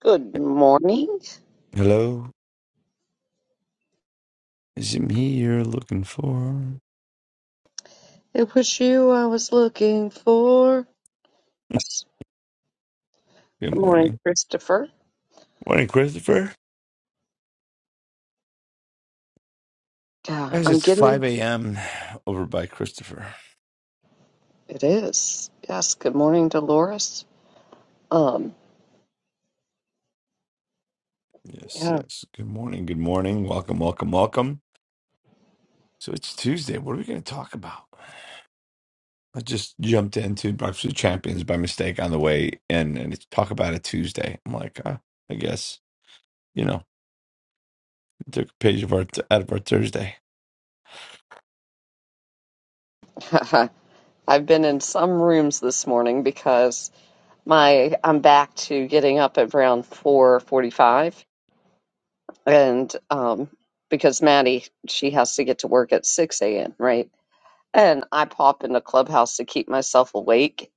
Good morning. Hello, is it me you're looking for? It was you I was looking for. Yes. Good Good morning, morning. Christopher. Morning, Christopher. Yeah, Guys, I'm it's getting 5 a.m. over by Christopher. it is. Yes, good morning, Dolores. Um, Yes, yeah. yes. Good morning, good morning. Welcome, welcome, welcome. So it's Tuesday. What are we going to talk about? I just jumped into Breakfast with Champions by mistake on the way in, and it's talk about a Tuesday. I'm like, uh, I guess, you know, took a page of our out of our Thursday. I've been in some rooms this morning because my I'm back to getting up at around 4:45 and um because Maddie she has to get to work at 6 a.m., right? And I pop into Clubhouse to keep myself awake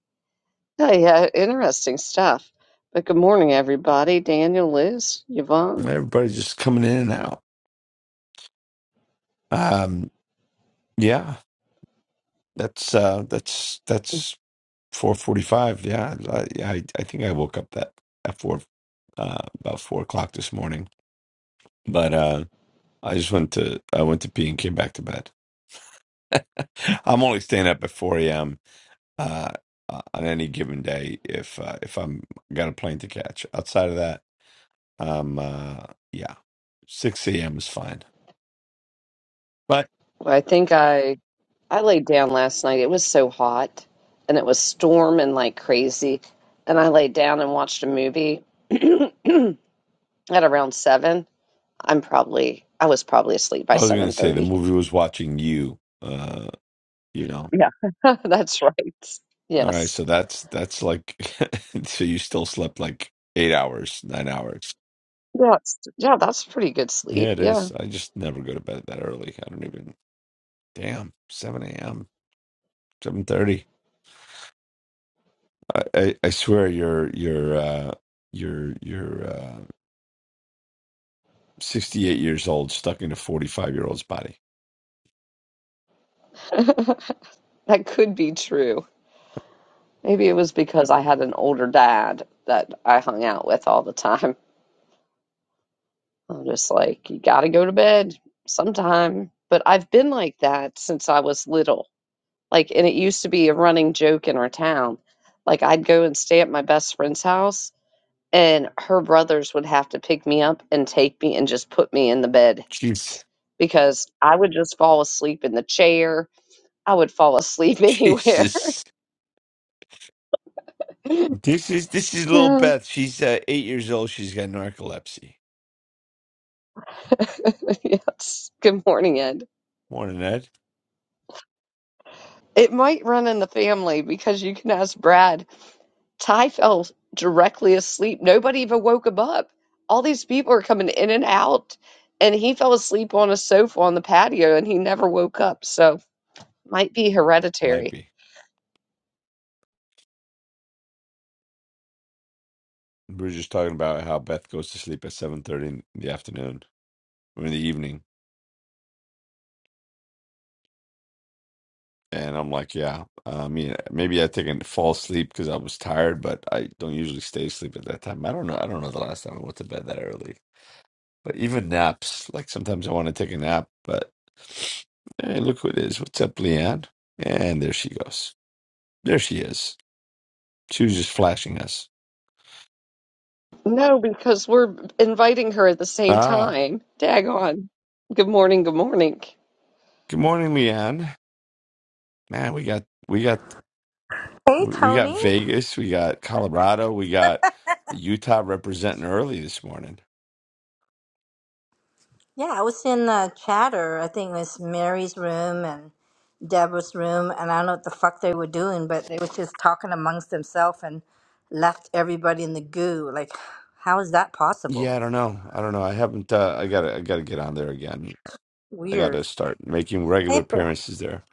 Hey, yeah, interesting stuff. But good morning, everybody. Daniel, Liz, Yvonne. Everybody's just coming in and out. Um, yeah, that's uh, that's that's four forty-five. Yeah, I, I I think I woke up that at four uh, about four o'clock this morning, but uh, I just went to I went to pee and came back to bed. I'm only staying up at 4 a.m. Uh, uh, on any given day if uh, if I'm got a plane to catch. Outside of that, um, uh, yeah, 6 a.m. is fine. But Well, I think I I laid down last night. It was so hot, and it was storming like crazy. And I laid down and watched a movie at around seven. I'm probably I was probably asleep by I was gonna seven say the thirty. movie was watching you. Uh, you know. Yeah, that's right. All right, Yes. so that's that's like so you still slept like eight hours, nine hours. Yeah, it's- yeah, that's pretty good Yeah, sleep. it Yeah, is. I just never go to bed that early. I don't even. Damn, 7 a.m., 7:30. I, I I swear your your uh your your uh, 68 years old stuck in a 45 year old's body. that could be true. Maybe it was because I had an older dad that I hung out with all the time. I'm just like, you gotta go to bed sometime. But I've been like that since I was little. Like, and it used to be a running joke in our town. Like, I'd go and stay at my best friend's house, and her brothers would have to pick me up and take me and just put me in the bed Jeez. because I would just fall asleep in the chair. I would fall asleep anywhere. Jesus. This is this is little yeah. Beth. She's uh, eight years old. She's got narcolepsy. yes. Good morning, Ed. Morning, Ed. It might run in the family because you can ask Brad. Ty fell directly asleep. Nobody even woke him up. All these people are coming in and out, and he fell asleep on a sofa on the patio and he never woke up. So, might be Might hereditary. be. We were just talking about how Beth goes to sleep at seven thirty in the afternoon or in the evening, and I'm like, yeah. I mean, maybe I think I fall asleep because I was tired, but I don't usually stay asleep at that time. I don't know. I don't know the last time I went to bed that early. But even naps, like sometimes I want to take a nap, but hey, look who it is. What's up, Leanne? And there she goes. There she is. She was just flashing us. No, because we're inviting her at the same Ah, time. Dag on. Good morning. Good morning. good morning, Leanne. Man, we got we got Hey, We we got Tony. Vegas, we got Colorado, we got Utah representing early this morning. Yeah, I was in uh, chatter. I think it was Mary's room and Deborah's room, and I don't know what the fuck they were doing, but they were just talking amongst themselves and left everybody in the goo. Like, how is that possible? Yeah, I don't know. I don't know. I haven't. Uh, I gotta. I gotta get on there again. I Weird. gotta start making regular Hey, Be- appearances there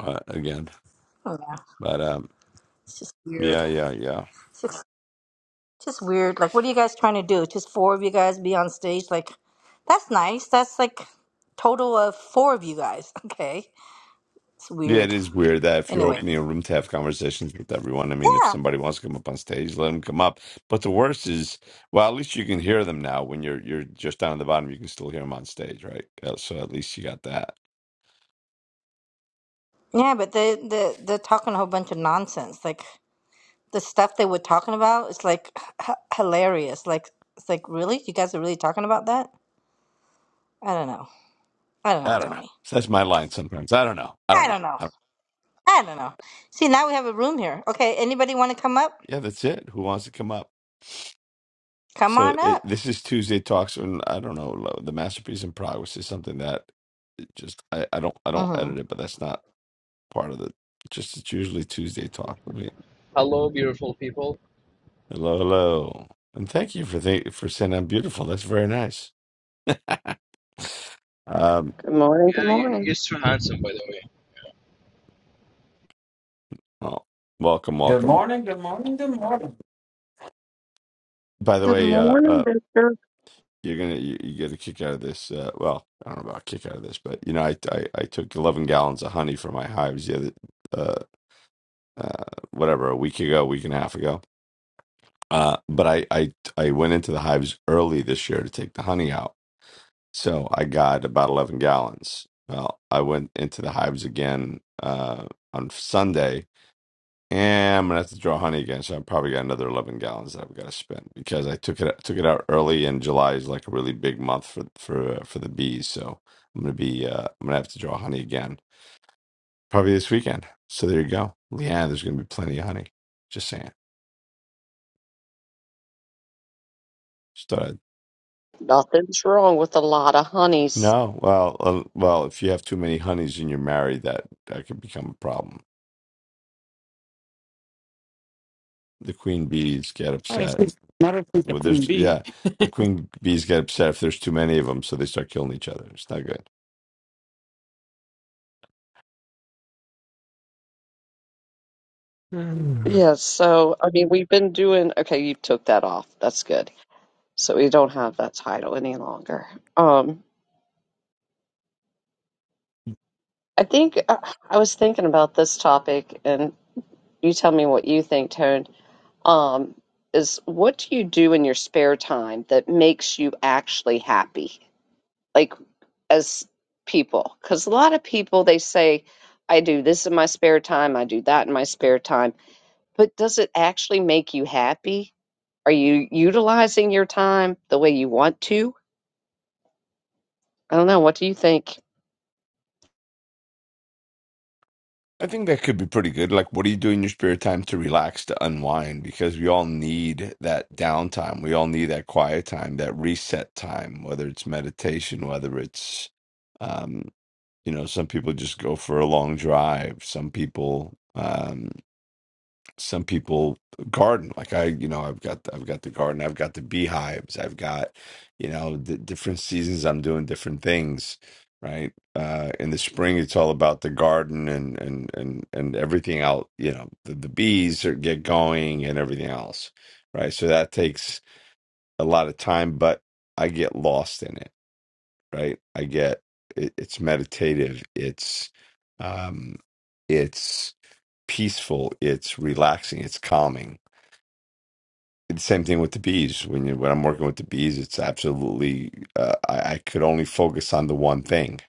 uh, again. oh, yeah, But um, it's just weird. yeah, yeah, yeah. It's just, just weird. Like, what are you guys trying to do? Just four of you guys be on stage? Like, that's nice. That's like total of four of you guys. Okay, it's Yeah, it weird. is weird that if you're Anyway, opening a room to have conversations with everyone, I mean, if yeah, somebody wants to come up on stage, let them come up. But the worst is, well, at least you can hear them now. When you're you're just down at the bottom, you can still hear them on stage, right? Uh, So at least you got that. Yeah, but they they they're talking a whole bunch of nonsense. Like the stuff they were talking about is like h- hilarious. Like it's like really, you guys are really talking about that? I don't know. I don't know, I don't know. Tony. So That's my line sometimes. I don't know. I don't I know. don't know. I don't- I don't know. See, now we have a room here. Okay, anybody want to come up? Yeah, that's it. Who wants to come up? Come So on it, up. this is Tuesday talks, and I don't know. lo- The masterpiece in progress is something that it just I, I don't I don't Mm-hmm. edit it, but that's not. part of the just it's usually Tuesday talk with me. Hello, beautiful people. Hello, hello, and thank you for th- for saying I'm beautiful. That's very nice. Um, Good morning. Good Yeah, you, you're morning. so handsome, by the way. well, welcome, Good welcome. morning, good morning, good morning. By the Good way, uh, morning, uh, Victor. you're gonna you, you get a kick out of this. Uh, well, I don't know about a kick out of this, but you know, I I, I took 11 gallons of honey from my hives the other uh, uh whatever a week ago, week and a half ago. Uh, but I I I went into the hives early this year to take the honey out So I got about 11 gallons. Well, I went into the hives again uh, on Sunday, and I'm gonna have to draw honey again. So I probably got another 11 gallons that I've got to spend because I took it took it out early, and July is like a really big month for for uh, for the bees. So I'm gonna be uh, I'm gonna have to draw honey again probably this weekend. So there you go, Leanne. There's gonna be plenty of honey. Just saying. Just thought I'd- Nothing's wrong with a lot of honeys. no, well, uh, well, if you have too many honeys and you're married, that that could become a problem. The queen bees get Not if upset. it's, not if that could Well, there's Queen Bee. yeah, the queen bees get upset if there's too many of them, so they start killing each other. It's not good. Mm. Yeah, so I mean, we've been doing okay, you took that off. That's good. So we don't have that title any longer. Um, I think uh, I was thinking about this topic, and you tell me what you think, Tone. Um, is what do you do in your spare time that makes you actually happy? Like as people, because a lot of people they say, I do this in my spare time, I do that in my spare time, but does it actually make you happy? Are you utilizing your time the way you want to? I don't know. What do you think? I think that could be pretty good. Like, what do you do in your spare time to relax, to unwind? Because we all need that downtime. We all need that quiet time, that reset time, whether it's meditation, whether it's, um, you know, some people just go for a long drive. Some people, um, some people garden like i you know i've got i've got the garden i've got the beehives i've got you know the different seasons i'm doing different things right uh in the spring it's all about the garden and and and and everything out you know the, the bees are get going and everything else right so that takes a lot of time but i get lost in it right i get it, it's meditative it's um it's peaceful it's relaxing it's calming the same thing with the bees. When you when I'm working with the bees, it's absolutely uh, I, I could only focus on the one thing,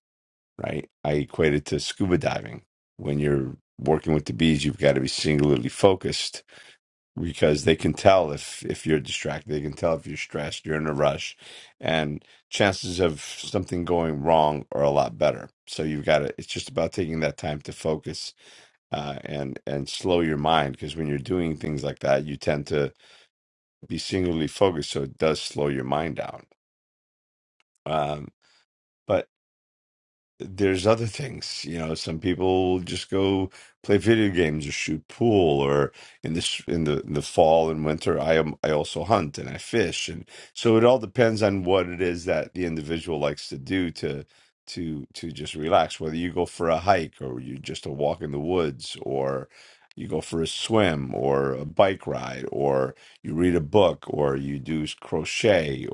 right? I equate it to scuba diving. When you're working with the bees, you've got to be singularly focused because they can tell if if you're distracted. They can tell if you're stressed, you're in a rush, and chances of something going wrong are a lot better. So you've got to. It's just about taking that time to focus uh, and and slow your mind because when you're doing things like that, you tend to be singularly focused so it does slow your mind down um, but there's other things you know some people just go play video games or shoot pool or in this in the in the fall and winter i am i also hunt and i fish and so it all depends on what it is that the individual likes to do to to to just relax whether you go for a hike or you just a walk in the woods or you go for a swim or a bike ride or you read a book or you do crochet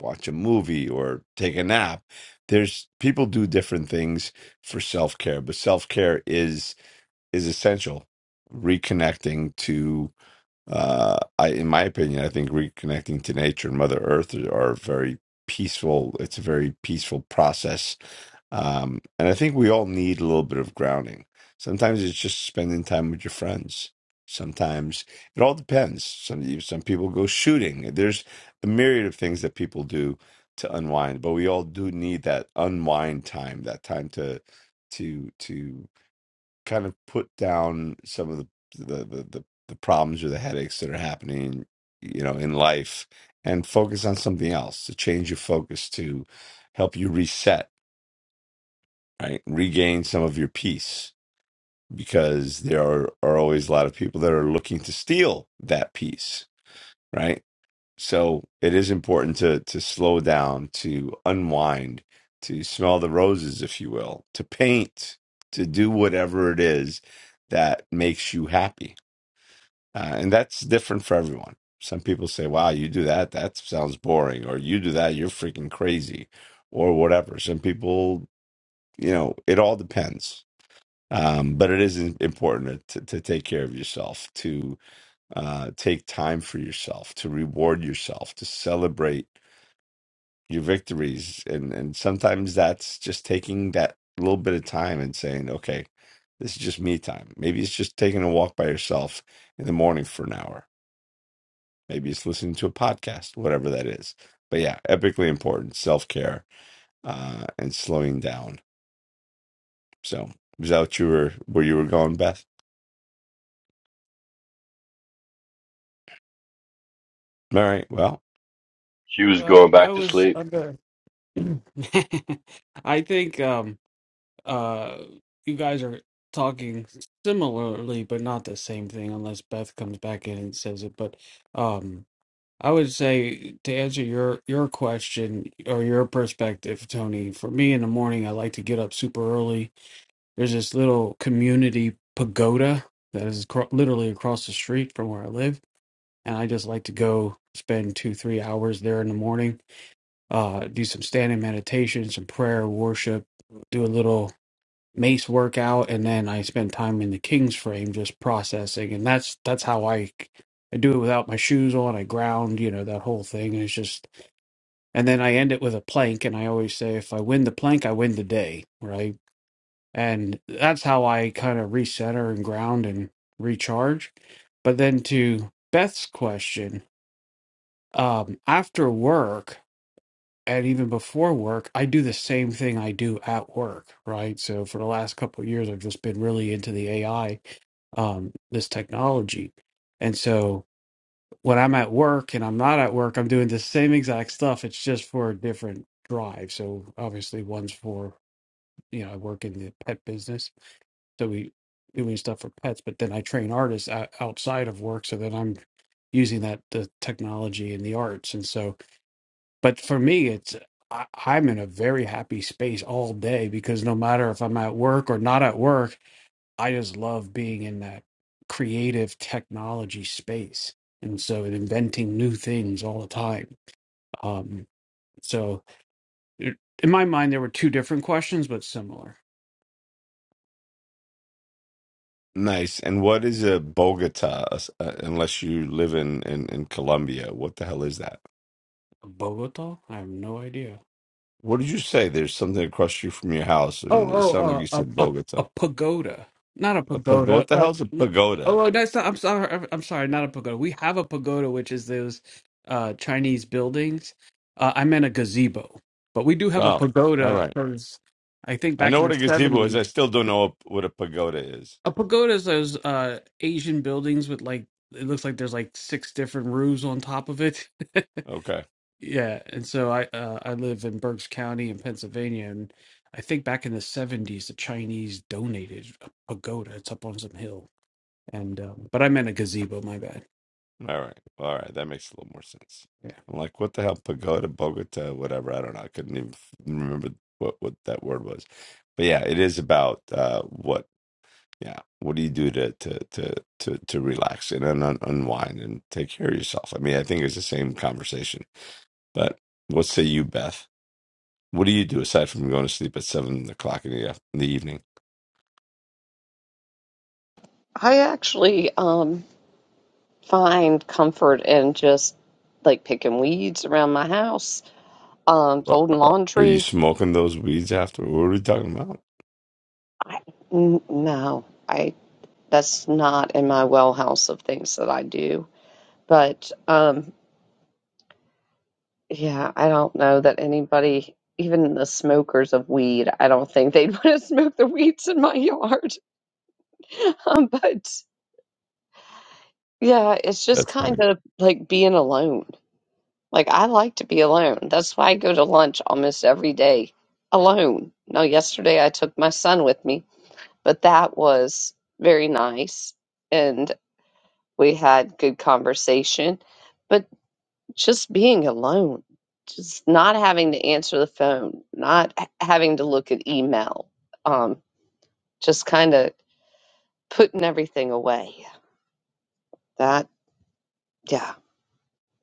watch a movie or take a nap. There's people do different things for self-care, but self-care is is essential. Reconnecting to uh I in my opinion, I think reconnecting to nature and Mother Earth are very peaceful. It's a very peaceful process um, and I think we all need a little bit of grounding. Sometimes it's just spending time with your friends. Sometimes it all depends. Some some people go shooting. There's a myriad of things that people do to unwind, but we all do need that unwind time, that time to to to kind of put down some of the the the, the, the problems or the headaches that are happening, you know, in life and focus on something else to change your focus to help you reset right? Regain some of your peace because there are, are always a lot of people that are looking to steal that peace, right? So it is important to to slow down, to unwind, to smell the roses, if you will, to paint, to do whatever it is that makes you happy, uh, and that's different for everyone. Some people say, "Wow, you do that? That sounds boring," or "You do that? You're freaking crazy," or whatever. Some people, you know, it all depends um, but it is important to, to take care of yourself to uh, take time for yourself to reward yourself to celebrate your victories and and sometimes that's just taking that little bit of time and saying okay this is just me time maybe it's just taking a walk by yourself in the morning for an hour maybe it's listening to a podcast whatever that is but yeah epically important self-care uh, and slowing down so is that what you were where you were going beth all right well. She was Uh, going I back to was sleep. under. I think um, uh, you guys are talking similarly, but not the same thing, unless Beth comes back in and says it. But um, I would say to answer your your question or your perspective, Tony. For me, in the morning, I like to get up super early. There's this little community pagoda that is acro- literally across the street from where I live and I just like to go spend two, three hours there in the morning, uh, do some standing meditation, some prayer, worship, do a little mace workout, and then I spend time in the king's frame just processing, and that's that's how I I do it without my shoes on. I ground, you know, that whole thing, and it's just, and then I end it with a plank, and I always say, if I win the plank, I win the day, right? And that's how I kind of recenter and ground and recharge. But then to Beth's question, um, after work and even before work, I do the same thing I do at work, right? So for the last couple of years, I've just been really into the AI, um, this technology. And so when I'm at work and I'm not at work, I'm doing the same exact stuff. It's just for a different drive. So obviously, one's for, you know, I work in the pet business. So we doing stuff for pets, but then I train artists o- outside of work. So then I'm using that, the technology and the arts. And so, but for me it's I, i'm in a very happy space all day because no matter if i'm at work or not at work i just love being in that creative technology space and so inventing new things all the time um so it- in my mind there were two different questions but similar Nice. And what is a Bogota, uh, unless you live in, in, in Colombia? What the hell is that? bogota i have no idea What did you say? There's something across you from your house, Oh, and it sounded like oh, you uh, said a, a Bogota. a pagoda, not a A pagoda. What pagoda. the Uh, hell's a n- pagoda? oh, that's not, I'm sorry. I'm sorry, not a pagoda. We have a pagoda, which is those uh, Chinese buildings. Uh, I meant a gazebo, but we do have a Oh, all pagoda right. because I think I back know in what the a gazebo is. seventies, I still don't know what a pagoda is. a pagoda is those uh, Asian buildings with like it looks like there's like six different roofs on top of it. Okay. Yeah, and so I uh, I live in Berks County in Pennsylvania, and I think back in the seventies, the Chinese donated a pagoda. It's up on some hill, and um, but I meant a gazebo. My bad. All right. All right. That makes a little more sense. Yeah, I'm like, what the hell? Pagoda, Bogota, whatever. I don't know. I couldn't even f- remember what, what that word was. But yeah, it is about uh, what? Yeah. What do you do to to to to, to relax and un- un- unwind and take care of yourself? I mean, I think it's the same conversation. But what say you, Beth? What do you do aside from going to sleep at seven o'clock in the af- in the evening? I actually um, find comfort in just like picking weeds around my house, um, Well, folding Are you laundry. smoking those weeds after? What are we talking about? I, n- no, I that's not in my well house of things that I do. But um, yeah, I don't know that anybody, even the smokers of weed, I don't think they'd want to smoke the weeds in my yard. Um, but Yeah, it's just That's kind fine. of like being alone. Like I like to be alone. That's why I go to lunch almost every day alone. Now, yesterday I took my son with me, but that was very nice and we had good conversation. But just being alone, just not having to answer the phone, not h- having to look at email, um, just kind of putting everything away. That, yeah.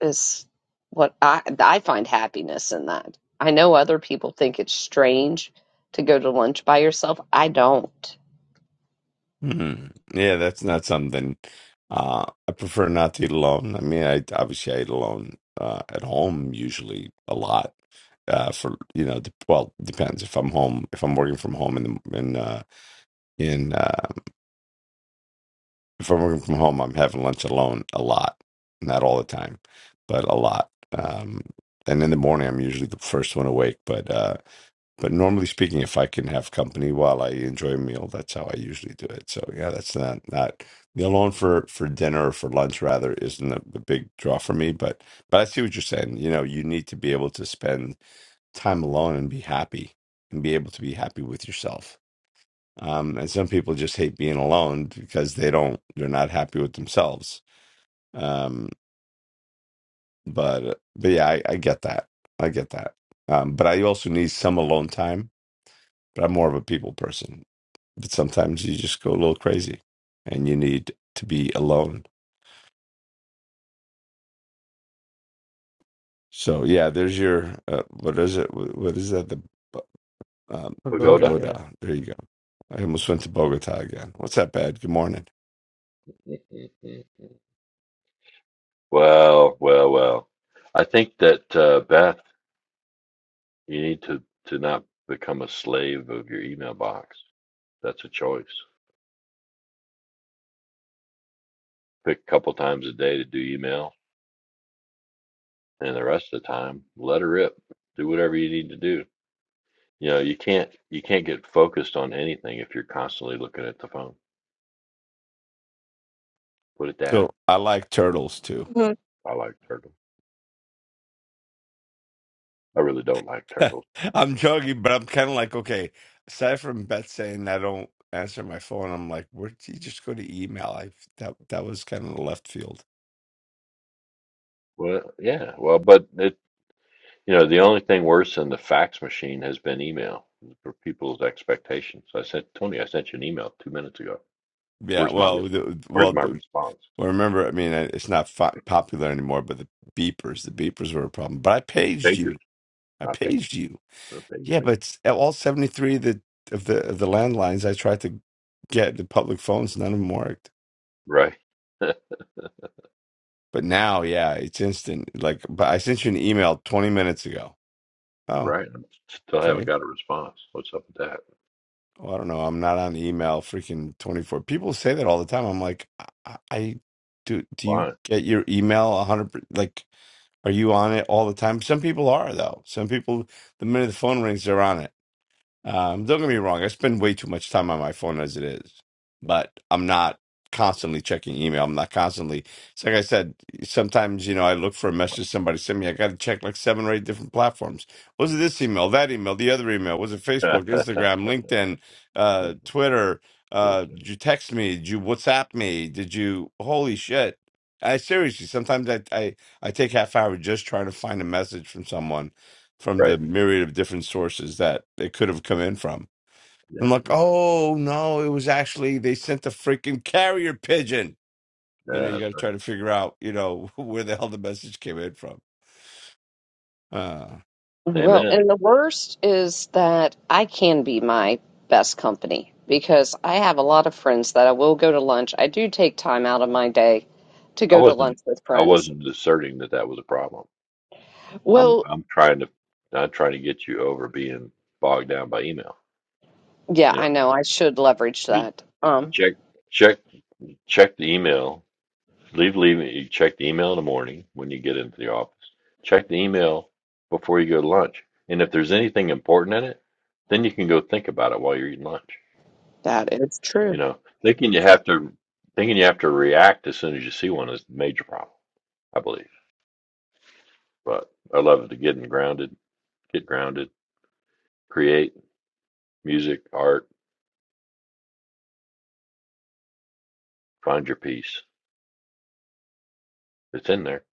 is what I I find happiness in that. I know other people think it's strange to go to lunch by yourself. I don't. Hmm. Yeah, that's not something. Uh, I prefer not to eat alone. I mean, I obviously I eat alone uh, at home usually a lot. Uh, for you know, dep well, depends if I'm home, if I'm working from home in the in uh, in uh, if I'm working from home, I'm having lunch alone a lot, not all the time, but a lot. Um, and in the morning, I'm usually the first one awake. But uh, but normally speaking, if I can have company while I enjoy a meal, that's how I usually do it. So yeah, that's not not the alone for for dinner or for lunch rather isn't the, the big draw for me. But but I see what you're saying. You know, you need to be able to spend time alone and be happy and be able to be happy with yourself Um, and some people just hate being alone because they don't, they're not happy with themselves. Um, but, but yeah, I, I get that. I get that. Um, but I also need some alone time, but I'm more of a people person. But sometimes you just go a little crazy and you need to be alone. So yeah, there's your, uh, what is it? Wh- What is that? The um, pagoda. Pagoda. Yeah. pagoda. There you go. I almost went to Bogota again. What's that bad? Good morning. Well, well, well. I think that uh, Beth, you need to to not become a slave of your email box. That's a choice. Pick a couple times a day to do email, and the rest of the time, let her rip. Do whatever you need to do. You know, you can't you can't get focused on anything if you're constantly looking at the phone. Put it down. So I like turtles too. I like turtles. I really don't like turtles. I'm joking, but I'm kind of like, okay, aside from Beth saying I don't answer my phone, I'm like, where did you just go to email? I that that was kind of left field. Well, yeah, well, but it. You know, the only thing worse than the fax machine has been email for people's expectations. I sent Tony, I sent you an email two minutes ago. Yeah, Where's my re- well, the, where's well, my the, response? well, remember, I mean, it's not fo- popular anymore, but the beepers, the beepers were a problem. But I paged Pagers, you. I not pagers, paged you. not pagers, Yeah, man. but it's- all 73 of the of the of the landlines I tried to get the public phones, none of them worked. Right, But now, yeah, it's instant. Like, but I sent you an email 20 minutes ago. Oh, right. I still okay haven't got a response. What's up with that? Well, I don't know. I'm not on email freaking 24. People say that all the time. I'm like, I, I do. Do you Fine. get your email 100? Like, are you on it all the time? Some people are though. Some people, the minute the phone rings, they're on it. Um, don't get me wrong, I spend way too much time on my phone as it is, but I'm not constantly checking email. I'm not constantly, it's like I said, sometimes, you know, I look for a message somebody sent me. I got to check like seven or eight different platforms. Was it this email, that email, the other email? Was it Facebook, Instagram, LinkedIn, uh, Twitter? Uh, did you text me? Did you WhatsApp me? Did you, holy shit. I seriously, sometimes I, I, I take half hour just trying to find a message from someone from right. the myriad of different sources that it could have come in from. Yeah. I'm like, oh no, it was actually they sent a freaking carrier pigeon. You know, Yeah, you that's got to right. try to figure out, you know, where the hell the message came in from. Uh, Well, Amen. and the worst is that I can be my best company because I have a lot of friends that I will go to lunch. I do take time out of my day to I go to wasn't lunch with I friends. wasn't asserting that that was a problem. I'm Well, I'm trying to I'm trying to get you over being bogged down by email. yeah, You I know I should leverage know. that. Um, Check check check the email. Leave leave you check the email in the morning when you get into the office. Check the email before you go to lunch. And if there's anything important in it, then you can go think about it while you're eating lunch. that is true. You know, thinking you have to thinking you have to react as soon as you see one is a major problem, I believe. But I love to get grounded, get grounded, create music, art, find your peace. It's in there.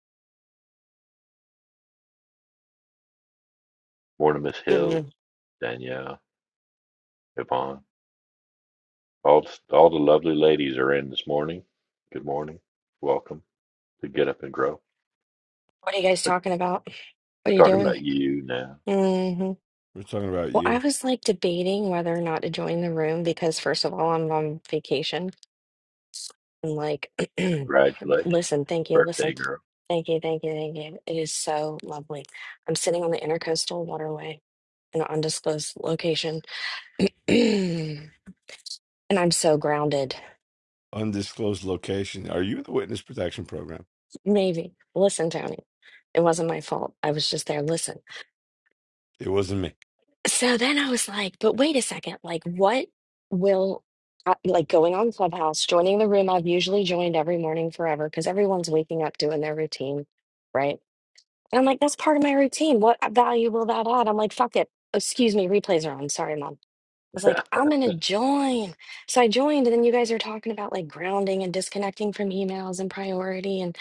Mortimer Jim, Hills, you- Danielle, Yvonne. All all the lovely ladies are in this morning. Good morning. Welcome to Get Up and Grow. What are you guys But talking about? What we're are you talking you- doing? about you now. hmm we're talking about Well, I you, was like debating whether or not to join the room because, first of all, I'm on vacation. and like, Congratulations, listen, thank you, birthday listen, girl. thank you, thank you, thank you. It is so lovely. I'm sitting on the intercoastal waterway in an undisclosed location, and I'm so grounded. undisclosed location. Are you in the witness protection program? Maybe. Listen, Tony, it wasn't my fault. I was just there. Listen. It wasn't me. So then I was like, but wait a second, like what will I- like going on Clubhouse, joining the room I've usually joined every morning forever because everyone's waking up doing their routine, right? And I'm like, that's part of my routine. What value will that add? I'm like, fuck it. Excuse me, replays are on. Sorry, mom. I was like, I'm gonna join. So I joined, and then you guys are talking about like grounding and disconnecting from emails and priority. And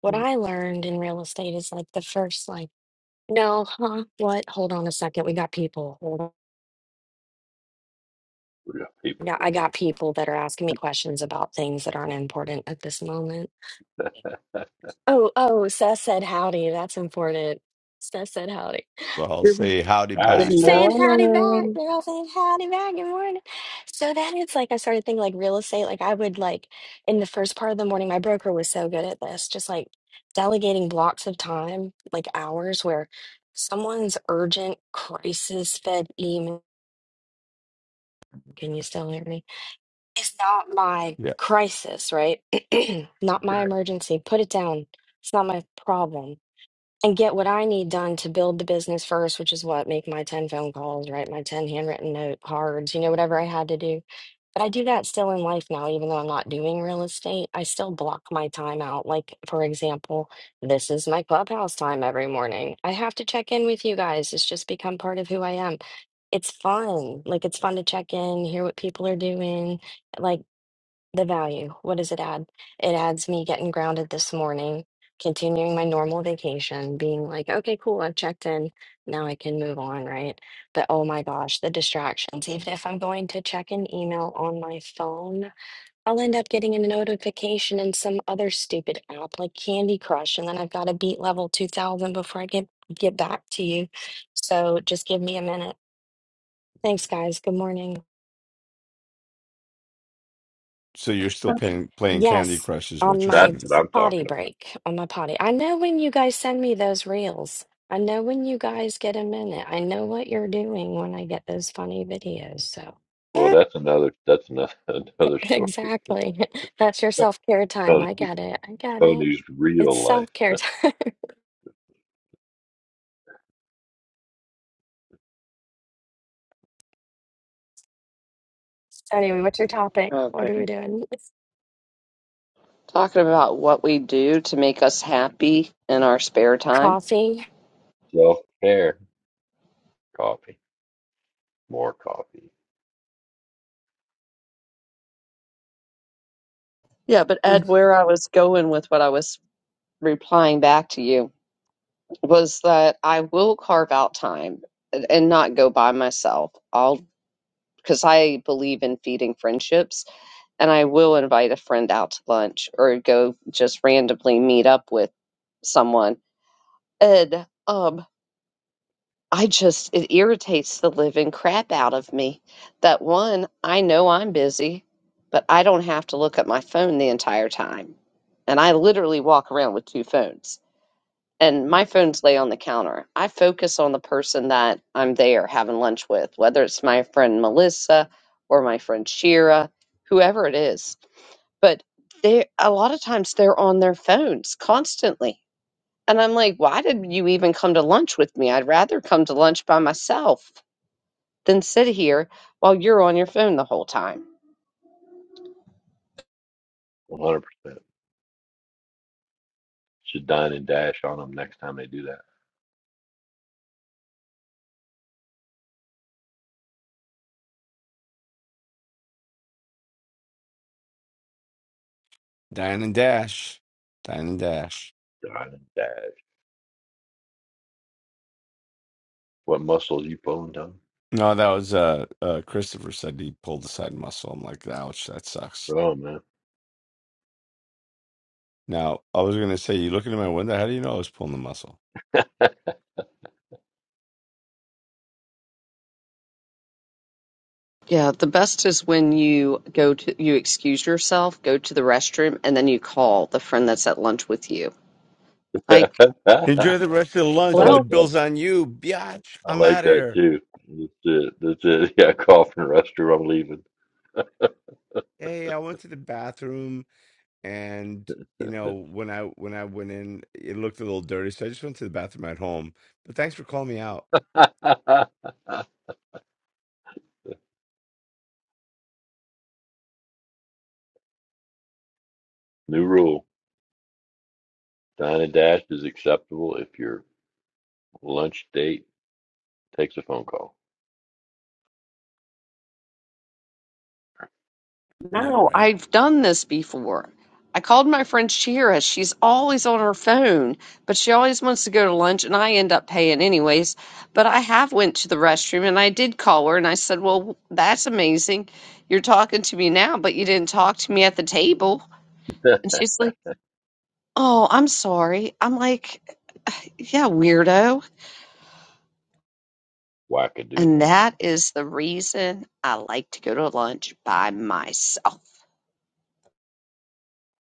what Hmm, I learned in real estate is like the first like, no, huh? What? Hold on a second. We got people. We got Now people. I got people that are asking me questions about things that aren't important at this moment. Oh, oh, Seth said howdy. That's important. Seth said howdy. Well, I'll Good say howdy Howdy, good back. She's Seth. saying howdy back. morning. They're all saying howdy back. Good morning. So then it's like I started thinking like real estate. Like I would like in the first part of the morning, my broker was so good at this, just like delegating blocks of time, like hours where someone's urgent crisis fed email. Can you still hear me? is not my Yeah. crisis, right? not my Correct. emergency. Put it down. It's not my problem. And get what I need done to build the business first, which is what make my 10 phone calls, write my 10 handwritten note cards, you know, whatever I had to do. But I do that still in life now, even though I'm not doing real estate. I still block my time out. Like, for example, this is my clubhouse time every morning. I have to check in with you guys. It's just become part of who I am. It's fun. Like, it's fun to check in, hear what people are doing Like. The value, what does it add? It adds me getting grounded this morning, continuing my normal vacation, being like, okay, cool, I've checked in. Now I can move on, right? But oh my gosh, the distractions. Even if I'm going to check an email on my phone, I'll end up getting a notification in some other stupid app like Candy Crush, and then I've got to beat level 2000 before I get get back to you. So just give me a minute. Thanks, guys. Good morning. So you're still playing playing Candy Yes, Crush, is what on you're my saying. That's what I'm potty talking about. break, on my potty. I know when you guys send me those reels. I know when you guys get a minute. I know what you're doing when I get those funny videos. So, Well, that's another. That's another another story. exactly. That's your self-care time. I Tony's get it. I get it. Tony's It's real life self-care time. So anyway, what's your topic? Oh, What are we good. doing? Talking about what we do to make us happy in our spare time. Coffee. self care. Coffee. More coffee. Yeah, but Ed, where I was going with what I was replying back to you was that I will carve out time and and not go by myself. I'll because I believe in feeding friendships and I will invite a friend out to lunch or go just randomly meet up with someone. And um I just it irritates the living crap out of me that one, I know I'm busy, but I don't have to look at my phone the entire time. And I literally walk around with two phones and my phone's lay on the counter. I focus on the person that I'm there having lunch with, whether it's my friend Melissa or my friend Shira, whoever it is. But they a lot of times they're on their phones constantly. And I'm like, why did you even come to lunch with me? I'd rather come to lunch by myself than sit here while you're on your phone the whole time. 100. percent Should dine and dash on them next time they do that. Dine and dash, dine and dash. Dine and dash. What muscles you pulling, Tony? No, that was uh, uh Christopher said he pulled the side muscle. I'm like, ouch, that sucks. Bro, Now, I was gonna say, you looking at my window, how do you know I was pulling the muscle? Yeah, the best is when you go to, you excuse yourself, go to the restroom, and then you call the friend that's at lunch with you. I Like, Enjoy the rest of the lunch and the like well, that. bill's on you, biatch. I I'm like out of that here. too. That's it. That's it. Yeah, coffin rester. I'm leaving. Hey, I went to the bathroom and you know, when I when I went in, it looked a little dirty, so I just went to the bathroom at home. But thanks for calling me out. New rule. Dine and dash is acceptable if your lunch date takes a phone call. Yeah, no, right. I've done this before. I called my friend Shira. She's always on her phone, but she always wants to go to lunch, and I end up paying anyways. But I have went to the restroom, and I did call her, and I said, "Well, that's amazing. You're talking to me now, but you didn't talk to me at the table." And she's like, "Oh, I'm sorry." I'm like, "Yeah, weirdo." And Wackadoodle. that is the reason I like to go to lunch by myself.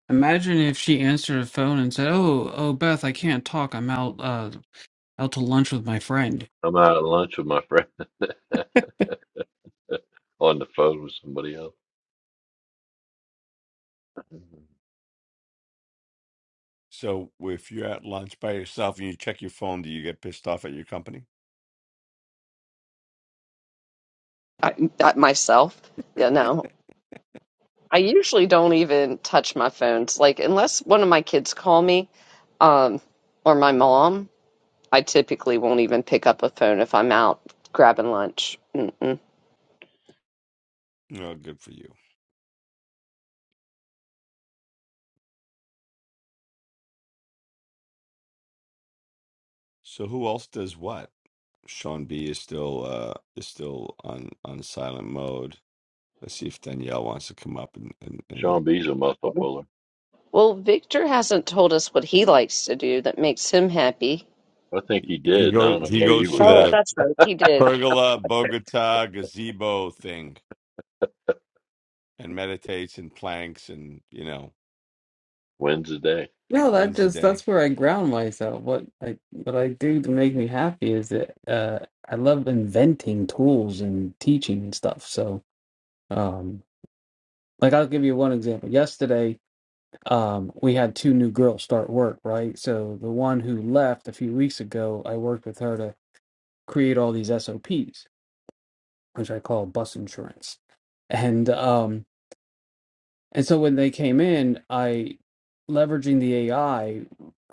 Imagine if she answered her phone and said, "Oh, oh, Beth, I can't talk. I'm out uh out to lunch with my friend." I'm out at lunch with my friend on the phone with somebody else. So if you're at lunch by yourself and you check your phone, do you get pissed off at your company? I, that myself, you know, I usually don't even touch my phones. Like, unless one of my kids call me, um, or my mom, I typically won't even pick up a phone if I'm out grabbing lunch. Mm-mm. No, good for you. So who else does what? Sean B is still uh is still on on silent mode. Let's see if Danielle wants to come up and and, and Sean B's a muscle puller. Well, Victor hasn't told us what he likes to do that makes him happy. I think he he did. and I don't know goes he where you goes to were Oh, at. the that's right. He did. pergola Bogota gazebo thing and meditates and planks and you know When's the day? No, that wins the just day. that's where I ground myself. What I what I do to make me happy is that uh I love inventing tools and teaching and stuff. So um. Like I'll give you one example. Yesterday, um, we had two new girls start work, right? So the one who left a few weeks ago, I worked with her to create all these SOPs, which I call bus insurance. And um, and so when they came in, I leveraging the AI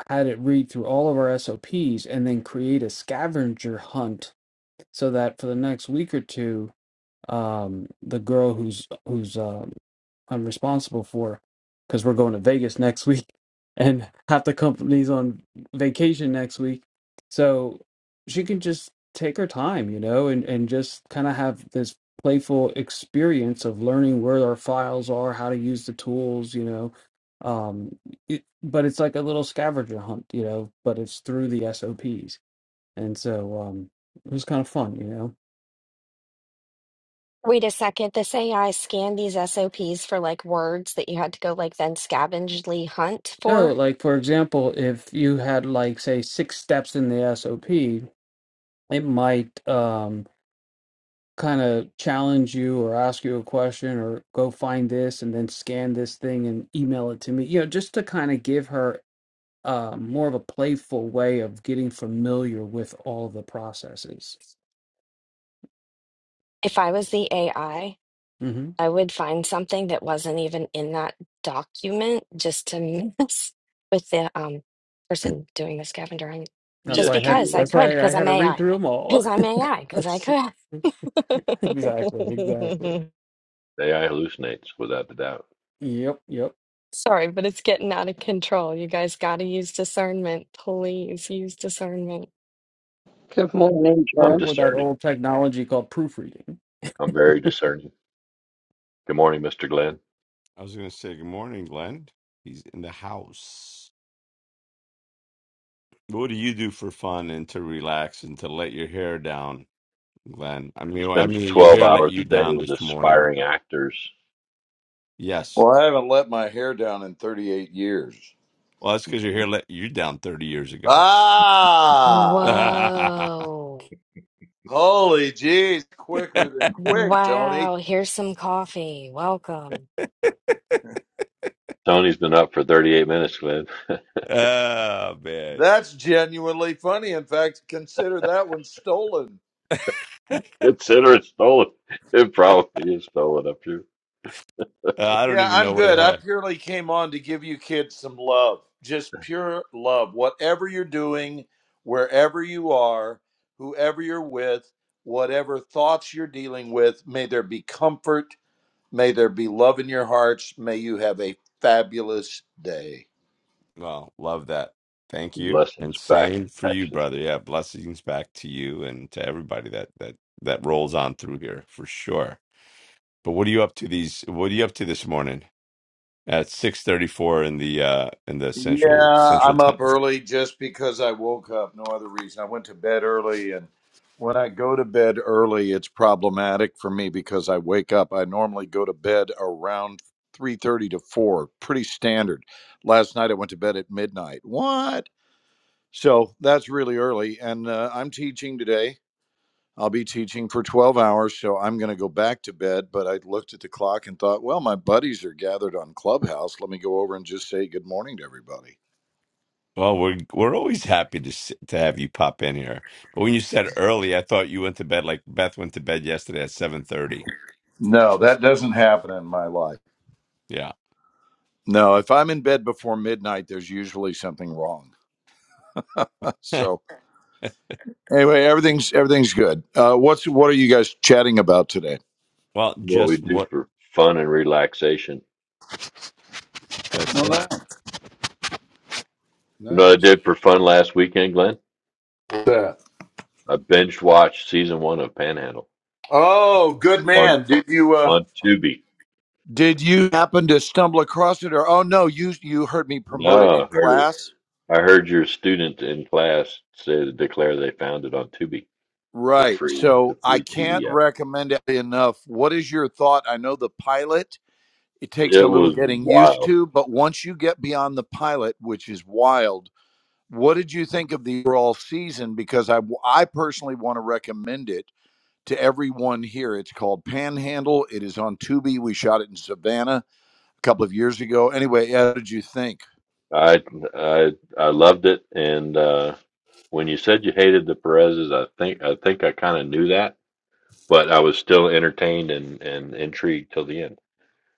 had it read through all of our SOPs and then create a scavenger hunt so that for the next week or two, um, the girl who's who's uh, I'm responsible for because we're going to Vegas next week and half the company's on vacation next week. So she can just take her time, you know, and, and just kind of have this playful experience of learning where our files are, how to use the tools, you know. Um, it, but it's like a little scavenger hunt, you know, but it's through the SOPs. And so um, it was kind of fun, you know. Wait a second. This AI scanned these SOPs for like words that you had to go like then scavengely hunt No, for. like for example, if you had like say six steps in the SOP, it might um, kind of challenge you or ask you a question or go find this and then scan this thing and email it to me you know just to kind of give her uh, more of a playful way of getting familiar with all the processes If I was the AI. hmm I would find something that wasn't even in that document just to mess with the um, person doing the scavenger hunt. that's Just Yes, why i you had because I would. that's why could, i because had I'm to read AI, through them because all I'm AI, because I That's- could. exactly exactly AI hallucinates without a doubt. yep yep Sorry, but it's getting out of control. You guys got to use discernment. Please use discernment. Good morning, I'm or, or that discerning. old technology called proofreading I'm very discerning. Good morning, Mr. Glenn. I was gonna say good morning, Glenn. He's in the house. What do you do for fun and to relax and to let your hair down, Glenn? I mean, well, I Spends mean, your 12 hair let hours a you day down with this morning. aspiring actors. Yes, Well, I haven't let my hair down in 38 years. well, that's because your hair let you down thirty years ago. Ah, oh Whoa. holy jeez, man, quicker than quick, Tony. Wow. Here's some coffee. Welcome. Tony's been up for 38 minutes, Glenn. That's genuinely funny. In fact, consider that one stolen. I Consider it stolen. It probably is stolen up here. don't Yeah, even know I'm where the good. hell I I. purely came on to give you kids some love. Just pure love. Whatever you're doing, wherever you are, whoever you're with, whatever thoughts you're dealing with, may there be comfort May there be love in your hearts. May you have a fabulous day. Well, love that. Thank you, Blessings and back same to for you, Texas. brother. Yeah, blessings back to you and to everybody that that that rolls on through here for sure. But what are you up to these? What are you up to this morning at six thirty four in the uh in the central Yeah, central I'm time? up early just because I woke up. No other reason. I went to bed early, and when I go to bed early, it's problematic for me because I wake up. I normally go to bed around three thirty to four, pretty standard. Last night I went to bed at midnight. What? So that's really early, and uh, I'm teaching today I'll be teaching for 12 hours, so I'm going to go back to bed. But I looked at the clock and thought, well, my buddies are gathered on Clubhouse. Let me go over and just say good morning to everybody. Well, we're we're always happy to s- to have you pop in here. But when you said early, I thought you went to bed like Beth went to bed yesterday at seven thirty. No, that doesn't happen in my life. Yeah. No, if I'm in bed before midnight, there's usually something wrong. so anyway, everything's everything's good. Uh, what's what are you guys chatting about today? Well, What we just do what for fun and relaxation. that's Well, it. that- You know what I nice. did for fun last weekend, Glenn? That. I binge watched season one of Panhandle Oh, good on man. Did you? uh on Tubi. Did you happen to stumble across it, or oh no, you you heard me promote it No, I in heard it. class? I heard your student in class say to declare they found it on Tubi, the Right. free So the I free can't TV app. recommend it enough. What is your thought? I know the pilot, it takes a It little was getting used wild. to, but once you get beyond the pilot, which is wild, what did you think of the overall season? Because I, I personally want to recommend it to everyone here. It's called Panhandle. It is on Tubi. We shot it in Savannah a couple of years ago. Anyway, how did you think? I I I loved it. And uh, when you said you hated the Perez's, I think I think I kind of knew that, but I was still entertained and and intrigued till the end.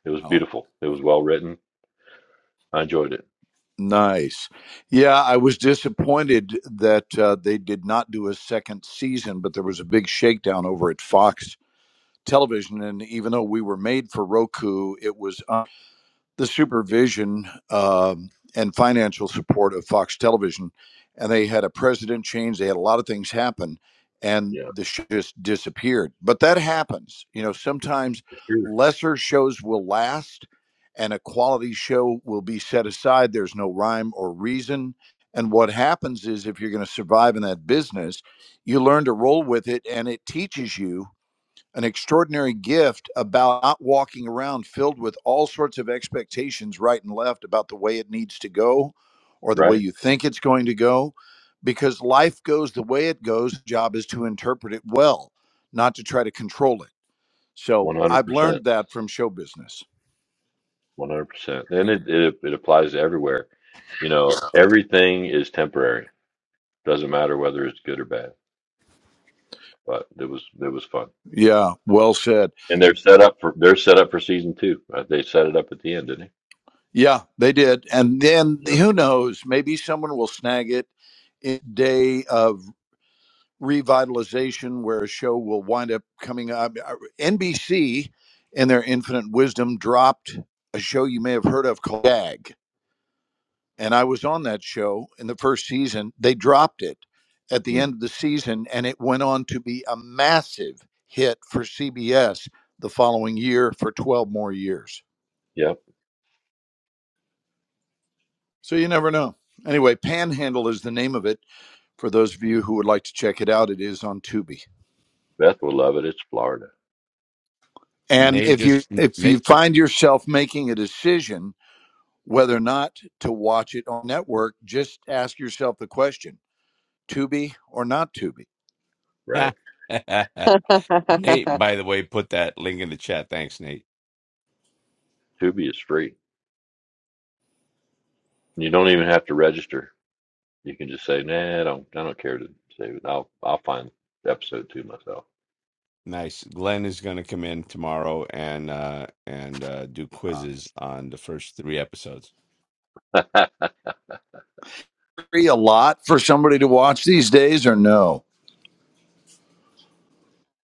It was Oh. beautiful. It was well written. I enjoyed it. Nice. Yeah, I was disappointed that uh, they did not do a second season, but there was a big shakedown over at Fox Television. And even though we were made for Roku, it was the supervision um, and financial support of Fox Television, and they had a president change. They had a lot of things happen, and Yeah, the show just disappeared. But that happens. You know, sometimes sure. lesser shows will last, and a quality show will be set aside. There's no rhyme or reason. And what happens is, if you're going to survive in that business, you learn to roll with it, and it teaches you an extraordinary gift about not walking around filled with all sorts of expectations right and left about the way it needs to go or the way Right. you think it's going to go because life goes the way it goes The job is to interpret it well not to try to control it so One hundred i've percent. learned that from show business One hundred percent. And it, it it applies to everywhere. You know, everything is temporary. Doesn't matter whether it's good or bad. But it was it was fun. yeah well said And they're set up for they're set up for season two. Uh, They set it up at the end, didn't they? yeah they did and then Yep. who knows maybe someone will snag it in a day of revitalization where a show will wind up coming up. NBC, in their infinite wisdom, dropped a show you may have heard of called Gag. And I was on that show in the first season. They dropped it at the Mm. end of the season, and it went on to be a massive hit for CBS the following year for 12 more years. Yep, So you never know. Anyway, Panhandle is the name of it. For those of you who would like to check it out, it is on Tubi. Beth will love it. It's Florida, And Nate if you just if you Nate find yourself making a decision whether or not to watch it on network, just ask yourself the question: Tubi or not Tubi? right? Jen. Nate, by the way, put that link in the chat. Thanks, Nate. Tubi is free. You don't even have to register. You can just say, "Nah, I don't, I don't care to save it. I'll, I'll find episode two myself." Nice. Glenn is gonna come in tomorrow and uh and uh do quizzes on the first three episodes. I Free a lot for somebody to watch these days, or no?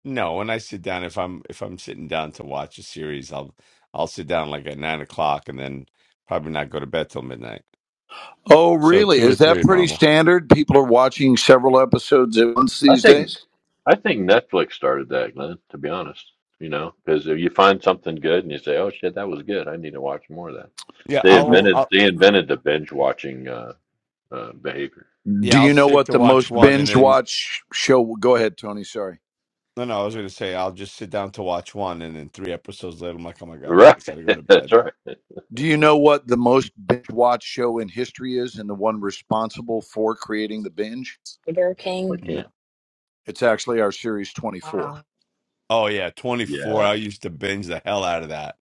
No, when I sit down, if I'm if I'm sitting down to watch a series, I'll I'll sit down like at nine o'clock and then probably not go to bed till midnight. Oh, So really? two or Is that three pretty normal. standard? People are watching several episodes at once these think, days. I think Netflix started that, Glenn. To be honest, you know, because if you find something good and you say, "Oh shit, that was good. I need to watch more of that," Yeah, they I'll, Do invented, I'll they invented the binge watching uh, uh, behavior. yeah, I'll you know sit what to the watch most one and binge then watch show? Go ahead, Tony. Sorry. No, no, I was gonna say I'll just sit down to watch one, and then three episodes later, I'm like, oh my god, I really Right? gotta go to bed. That's right. Do you know what the most binge watch show in history is, and the one responsible for creating the binge? Burger I King. No. can't. It's actually our series 24. Wow. Oh yeah, 24. Yeah. I used to binge the hell out of that.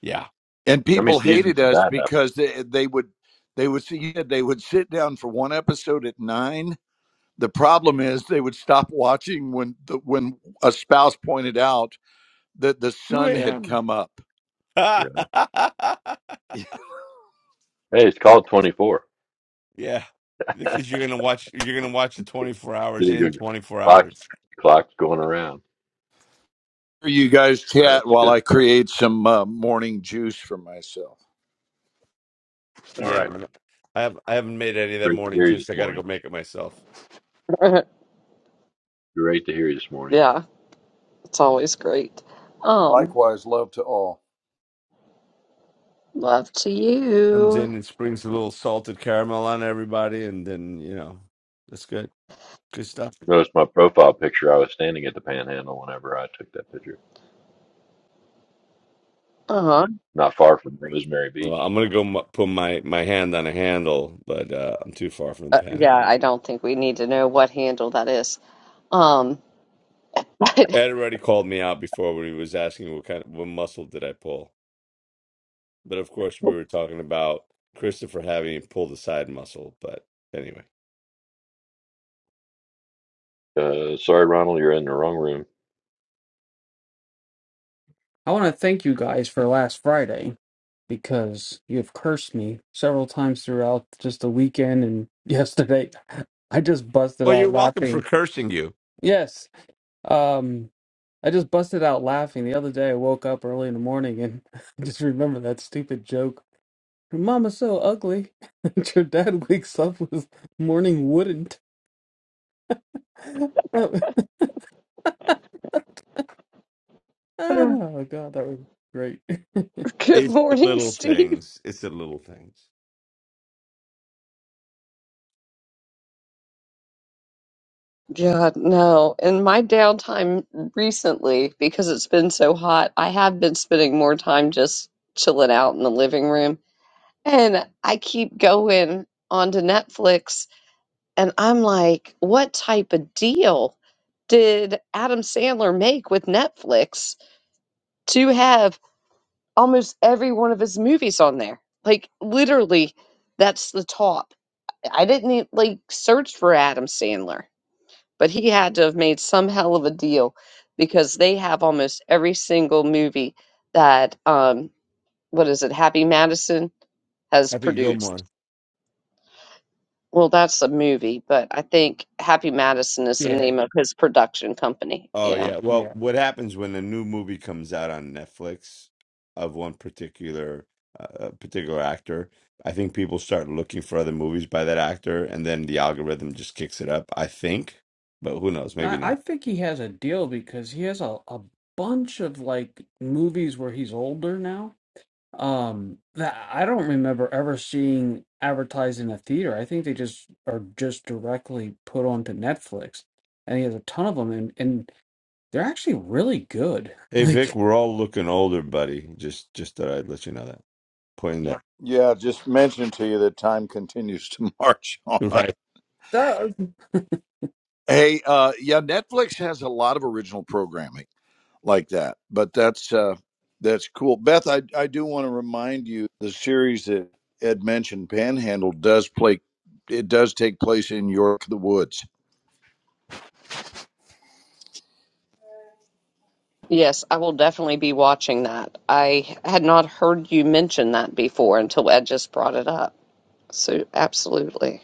Yeah, And How good many people stuff. seasons hated did us that happen? because they, they would they would see yeah, they would sit down for one episode at 9. The problem is they would stop watching when the, when a spouse pointed out that the 2 sun had a.m. come up. Yeah. Hey, it's called Twenty Four. yeah, because you're gonna watch. You're gonna watch the 24 hours Pretty in good. 24 Clocks, hours. clocks going around. You guys chat That's while good. I create some uh, morning juice for myself. All Yeah, right. man. I have. I haven't made any of that Great to morning hear you juice. this I gotta go morning. make it myself. Great to hear you this morning. yeah. It's always great. Um, Likewise, love to all. love to Comes you. in and springs a little salted caramel on everybody, and then you know, that's good. Good stuff. Notice my profile picture. I was standing at the panhandle whenever I took that picture, Uh-huh. not far from Rosemary Well, Beach. I'm gonna go m put my my hand on a handle, but uh, I'm too far from Uh, the yeah, panhandle. I don't think we need to know what handle that is. Um, but Ed already called me out before when he was asking what kind of what muscle did I pull. But of course, we were talking about Christopher having pulled pull the side muscle. But anyway, Uh, sorry, Ronald, you're in the wrong room. i want to thank you guys for last friday because you have cursed me several times throughout just the weekend and yesterday. I just busted well, you're out welcome for laughing. cursing you. Yes. Um I just busted out laughing. The other day I woke up early in the morning and I just remember that stupid joke. Your mama's so ugly that your dad wakes up with morning wouldn't. oh oh, god, that was great. good It's the morning, little Steve. things. It's the little things. God, no. In my downtime recently, because it's been so hot, I have been spending more time just chilling out in the living room. And I keep going onto Netflix and I'm like, what type of deal did Adam Sandler make with Netflix? to have almost every one of his movies on there. Like literally, that's the top. I didn't e- like search for Adam Sandler, but he had to have made some hell of a deal because they have almost every single movie that um what is it Happy Madison has Happy Gilmore. produced. Well, that's a movie, but I think Happy Madison is the Yeah, name of his production company. Oh Yeah. yeah. Well, yeah. what happens when a new movie comes out on Netflix of one particular uh, particular actor? I think people start looking for other movies by that actor, and then the algorithm just kicks it up. I think, but who knows? Maybe I, I not. think he has a deal because he has a, a bunch of like movies where he's older now Um, that I don't remember ever seeing advertised in a theater. I think they just are just directly put onto Netflix. And he has a ton of them, and and they're actually really good. Hey Vic, Like we're all looking older, buddy. Just just thought I'd let you know that. Pointing that Yeah, just mention to you that time continues to march on. right. that, I Hey, uh, yeah, Netflix has a lot of original programming like that. But that's uh, that's cool, Beth. I I do want to remind you the series that Ed mentioned, Panhandle, does play. It does take place in York the Woods. Yes, I will definitely be watching that. I had not heard you mention that before until Ed just brought it up. So, absolutely.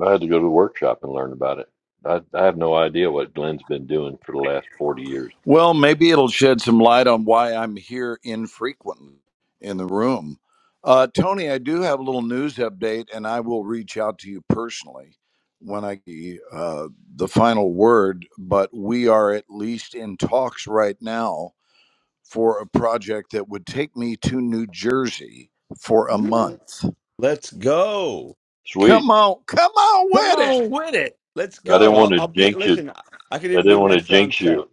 I had to go to the workshop and learn about it. I, I have no idea what Glenn's been doing for the last 40 years. Well, maybe it'll shed some light on why I'm here infrequently in the room. Uh, Tony, I do have a little news update, and I will reach out to you personally when I get uh, the final word. But we are at least in talks right now for a project that would take me to New Jersey for a month. Let's go. Sweet. Come on, come Come on with it. on with it. Let's I go. didn't I'll, want to I'll be. jinx you. Listen, I I could I even be didn't want to next round jinx set. you.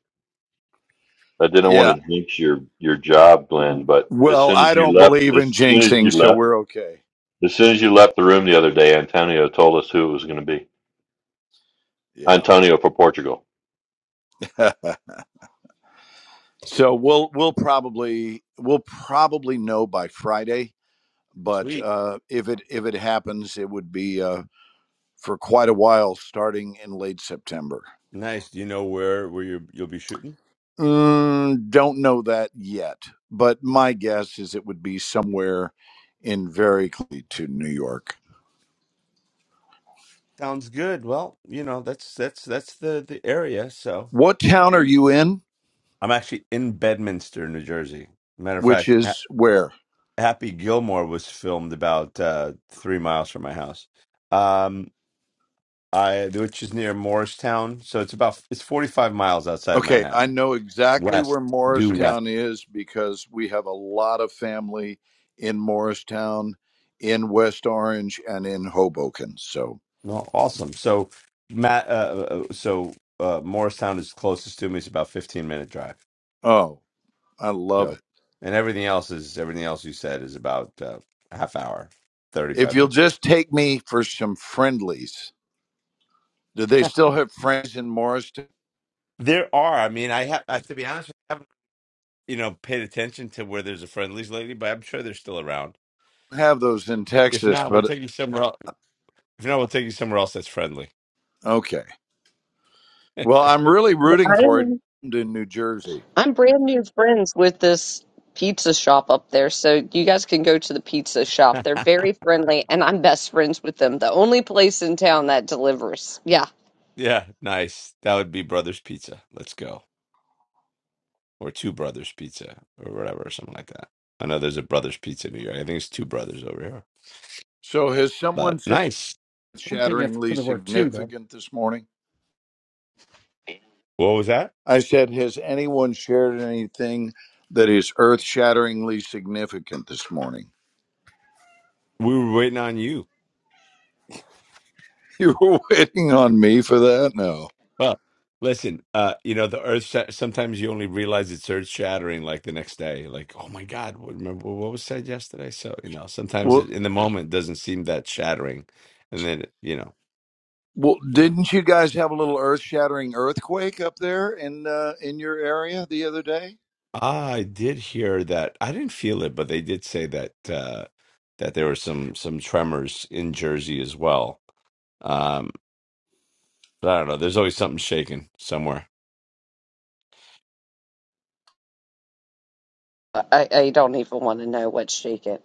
I didn't want Yeah. to jinx your your job, Glenn. But as Well, soon I as you don't left, believe in as soon as you jinxing, so left. we're okay. As soon as you left the room the other day, Antonio told us who it was going to be. Yeah. Antonio for Portugal, so we'll we'll probably we'll probably know by Friday, but Sweet, uh, if it if it happens, it would be uh, for quite a while, starting in late September. nice. Do you know where where you you'll be shooting? Mm, don't know that yet, but my guess is it would be somewhere in very close to New York. Sounds good. Well, you know, that's that's that's the the area. So What town are I'm you in? actually in Bedminster, New Jersey. Matter of Which fact, ha is where? Happy Gilmore was filmed about uh, three miles from my house, um, I which is near Morristown. So it's about it's 45 miles outside of Okay, I Manhattan, know exactly west, where due west. Morristown is because we have a lot of family in Morristown, in West Orange, and in Hoboken. So, No, awesome. So Matt, uh, uh, uh, so uh, Morristown is closest to me. It's about 15 minute drive. oh, I love So, it. and everything else is everything else you said is about uh, half hour, thirty If five you'll minutes. just take me for some friendlies, do they still have friends in Morristown? There are. I mean, I have I, to be honest. I haven't you know paid attention to where there's a friendlies lately, but I'm sure they're still around. have those in If Texas, not, we'll but take you somewhere. Else. If not, we'll take you somewhere else that's friendly. Okay. Well, I'm really rooting for it I'm in New Jersey. I'm brand new friends with this pizza shop up there, so you guys can go to the pizza shop. They're very friendly, and I'm best friends with them. The only place in town that delivers. Yeah, yeah, nice. That would be Brothers Pizza. Let's go, or Two Brothers Pizza, or whatever, or something like that. I know there's a Brothers Pizza in New York. I think it's Two Brothers over here. So has But someone said nice. it's don't think you have to shatteringly put the word two there. significant this morning? What was that? I said, has anyone shared anything that is earth shatteringly significant this morning? We were waiting on you. You were waiting on me for that? No. Well, listen, uh, you know, the earth, sha- sometimes you only realize it's earth shattering like the next day. Like, oh my God, what, remember what was said yesterday? So, you know, sometimes Well, it, in the moment doesn't seem that shattering. And then, you know, well, you know, didn't you guys have a little earth-shattering earthquake up there in uh, in your area the other day? I did hear that. I didn't feel it, but they did say that, uh, that there were some, some tremors in Jersey as well. Um, but I don't know. There's always something shaking somewhere. I, I I don't even want to know what's shaking.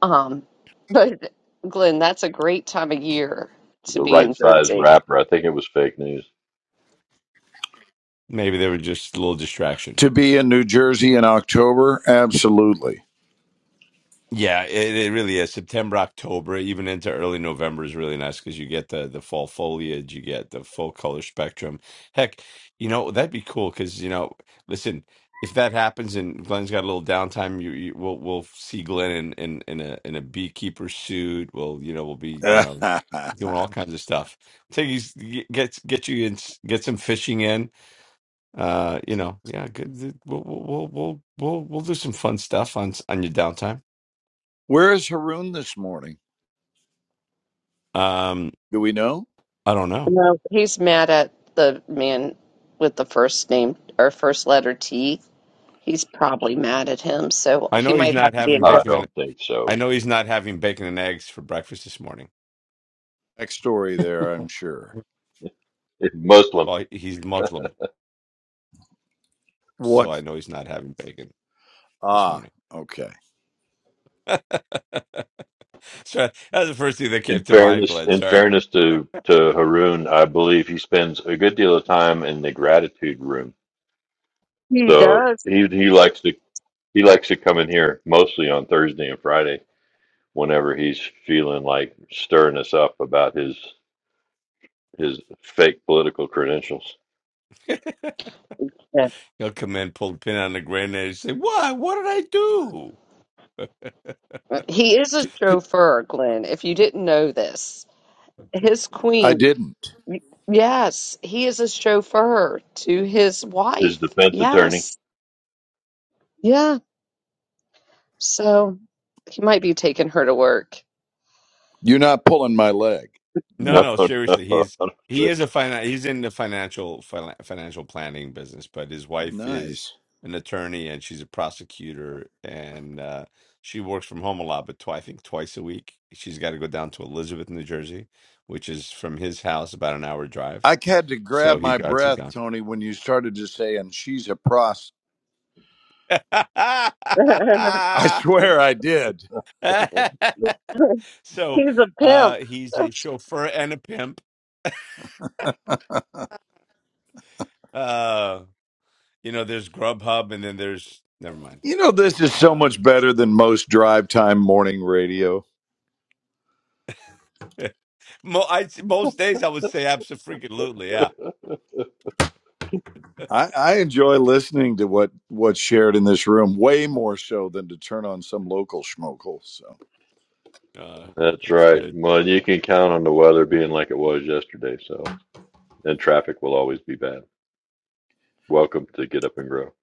Um, but Glenn, that's a great time of year to the be right in sized Jersey. rapper. I think it was fake news. Maybe they were just a little distraction. To be in New Jersey in October, absolutely. Yeah, it, it really is. September, October, even into early November is really nice because you get the the fall foliage, you get the full color spectrum. Heck, you know, that'd be cool because, you know, listen, if that happens and Glenn's got a little downtime, you, you we'll we'll see Glenn in, in in a in a beekeeper suit. We'll, you know, we'll be, you know, doing all kinds of stuff. Take you get get you in, get some fishing in. Uh, you know, yeah, good. We'll we'll we'll we'll we'll we'll do some fun stuff on on your downtime. Where is Haroon this morning? Um Do we know? I don't know. No, he's mad at the man with the first name or first letter T. He's probably mad at him, so I he know he's might not have to be having in. I court. bacon and don't think I so. know he's not having bacon and eggs for breakfast this morning. Backstory there, I'm sure. It's Muslim. Well, he- he's Muslim, so What? I know he's not having bacon this Ah, morning. okay. so that's the first thing that In came to mind, fairness, Glenn. in Sorry, fairness to to Haroon, I believe he spends a good deal of time in the gratitude room. He So does. he he likes to he likes to come in here mostly on Thursday and Friday whenever he's feeling like stirring us up about his his fake political credentials. Yeah. he'll come in, pull the pin on the grenade, and say, "Why? What did I do?" He is a Two- two- chauffeur, Glenn. If you didn't know this, his I queen. didn't. Yes, he is a chauffeur to his His wife. defense attorney. Yes, yeah. So he might be taking her to work. You're not pulling my leg. No, No. No, no, no. seriously, he's he is a finan he's in the financial fin financial planning business, but his wife is Nice. an attorney and she's a prosecutor and uh she works from home a lot, but tw I think twice a week. She's got to go down to Elizabeth, New Jersey, which is from his house about an hour drive. I had to So grab he my drives her breath, down. Tony, when you started to say, and she's a prost. I swear I did. no. So he's a uh pimp. he's a chauffeur and a pimp. Uh you know, there's Grubhub and then there's never mind. You know, this is so Um, much better than most drive time morning radio. Mo- I, most days I would say absolutely, yeah. I, I enjoy listening to what what's shared in this room way more so than to turn on some local schmokel. So. Uh, That's that's right. good. Well, you can count on the weather being like it was yesterday, so and traffic will always be bad. Welcome to Get Up and Grow.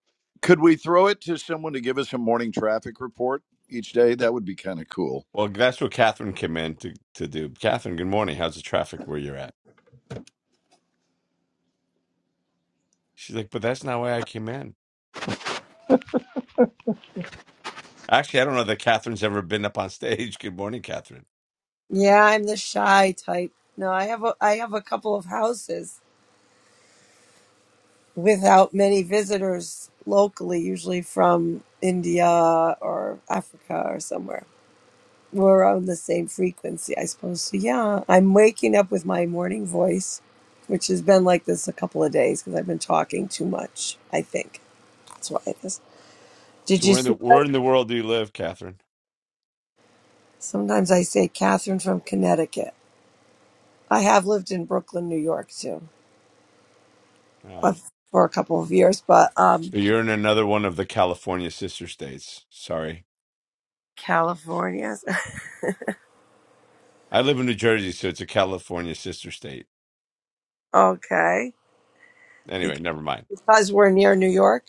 Could we throw it to someone to give us a morning traffic report each day? That would be kind of cool. Well, that's what Catherine came in to, to do. Catherine, good morning. How's the traffic where you're at? She's like, but that's not why I came in. Actually, I don't know that Catherine's ever been up on stage. Good morning, Catherine. Yeah, I'm the shy type. No, I have a I have a couple of houses without many visitors locally, usually from India or Africa or somewhere. We're on the same frequency, I suppose. So yeah, I'm waking up with my morning voice, which has been like this a couple of days because I've been talking too much. I think that's why it is. Did So you where in see the where that? in the world do you live, Catherine? Sometimes I say Catherine from Connecticut. I have lived in Brooklyn, New York too, Uh, uh, for a couple of years, but um, you're in another one of the California sister states. Sorry, California. I live in New Jersey, so it's a California sister state. Okay. Anyway, Because never mind. because we're near New York.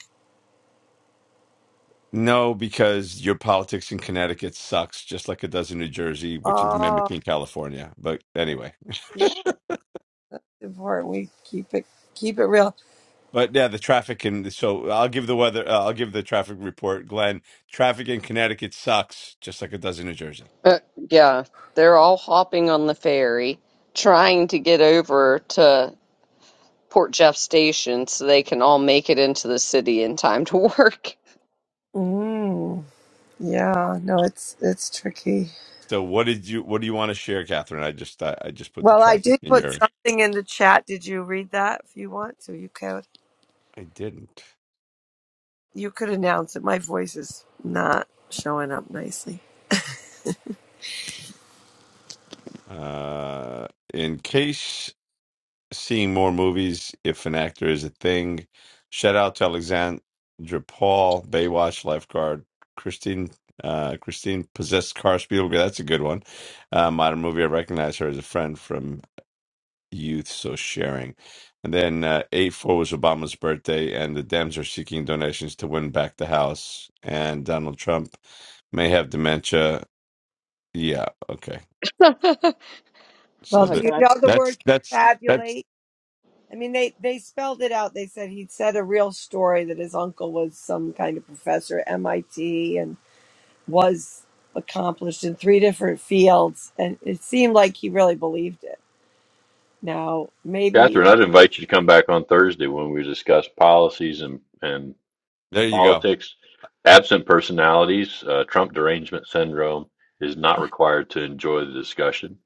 No, because your politics in Connecticut sucks, just like it does in New Jersey, which is Oh, mimicking California. But anyway, yeah, it's important. We keep it keep it real. but yeah, the traffic in so I'll give the weather, uh, I'll give the traffic report, Glenn. Traffic in Connecticut sucks, just like it does in New Jersey. Uh, yeah, they're all hopping on the ferry, trying to get over to Port Jeff Station so they can all make it into the city in time to work. Mm, yeah, no, it's it's tricky. So what did you, what do you want to share, Catherine? I just, I, I just put the Well, I traffic did in put your, something in the chat. Did you read that? If you want to, you could I didn't. you could announce it. My voice is not showing up nicely. Uh, in case seeing more movies if an actor is a thing. Shout out to Alexandra Paul, Baywatch lifeguard, Christine. Uh, Christine possessed car Spielberg. That's a good one. Uh, modern movie. I recognize her as a friend from youth. So sharing. And then uh, eight four was Obama's birthday, and the Dems are seeking donations to win back the House. And Donald Trump may have dementia. Yeah. Okay. Well, So Oh do that you God. know the that's word that's that's confabulate? I mean, they, they spelled it out. They said he'd said a real story that his uncle was some kind of professor at MIT and was accomplished in three different fields. And it seemed like he really believed it. Now, maybe, Catherine, I'd invite you to come back on Thursday when we discuss policies and, and there you go. politics. Absent personalities, uh, Trump derangement syndrome is not required to enjoy the discussion,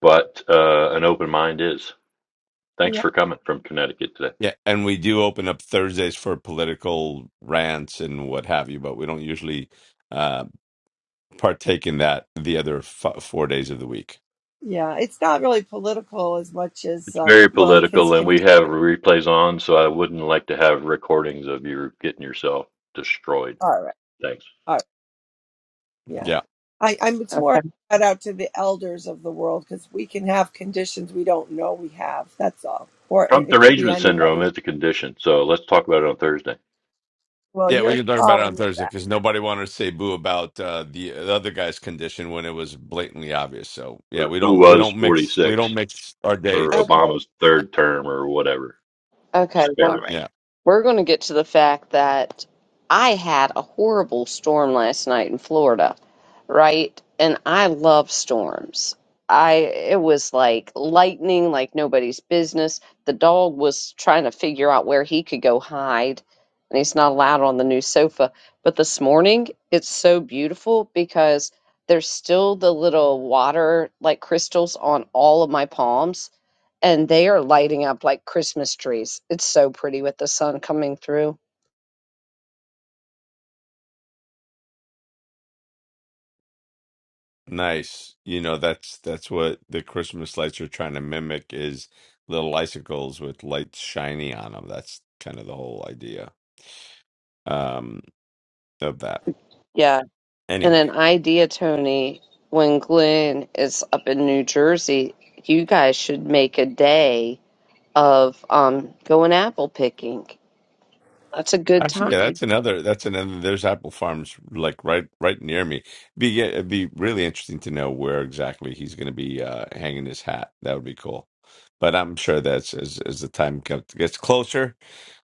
but uh, an open mind is. Thanks yeah, for coming from Connecticut today. Yeah, and we do open up Thursdays for political rants and what have you, but we don't usually uh, partake in that the other f- four days of the week. yeah, it's not really political as much as, It's um, very well, like his political, and con. we have replays on, so I wouldn't like to have recordings of you getting yourself destroyed. All right. Thanks. All right. Yeah. Yeah. I, I'm it's more a Okay. shout out to the elders of the world because we can have conditions we don't know we have. That's all. Or it, Trump it could be derangement syndrome anybody. is a condition, so let's talk about it on Thursday. Well, Yeah, we you're can talk about it on calling it Thursday that. because nobody wanted to say boo about uh, the, the other guy's condition when it was blatantly obvious. So yeah, Or we who don't we was don't mix we don't 46, mix our or days. Okay. Obama's third term, or whatever. Okay. Well. Spare All right. us. Yeah, We're going to get to the fact that I had a horrible storm last night in Florida, right? And I love storms. I it was like lightning, like nobody's business. The dog was trying to figure out where he could go hide, and he's not allowed on the new sofa. But this morning, it's so beautiful because there's still the little water like crystals on all of my palms and they are lighting up like Christmas trees. It's so pretty with the sun coming through. nice. You know that's that's what the Christmas lights are trying to mimic is little icicles with lights shiny on them. That's kind of the whole idea. Um, of that. Yeah. And an Anyway, idea, Tony, when Glenn is up in New Jersey, you guys should make a day of um going apple picking. That's a good actually, yeah, time. that's another. That's another. There's apple farms like right right near me. Be yeah, it'd be really interesting to know where exactly he's going to be uh, hanging his hat. That would be cool. But I'm sure that's as as the time comes, gets closer,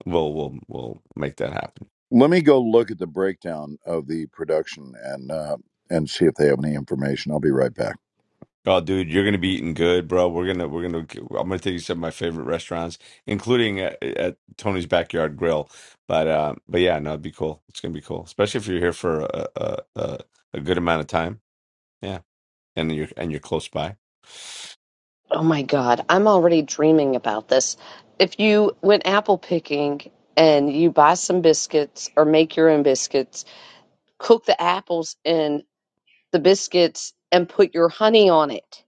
we'll we'll we'll make that happen. Let me go look at the breakdown of the production and uh, and see if they have any information. I'll be right back. Oh, dude, you're gonna be eating good, bro. We're gonna we're gonna I'm gonna take you to some of my favorite restaurants, including at, at Tony's Backyard Grill. But uh, but yeah, no, it'd be cool. It's gonna be cool, especially if you're here for a a, a, a good amount of time Yeah, and you're and you're close by. Oh my God, I'm already dreaming about this. If you went apple picking and you buy some biscuits or make your own biscuits, cook the apples in the biscuits and put your honey on it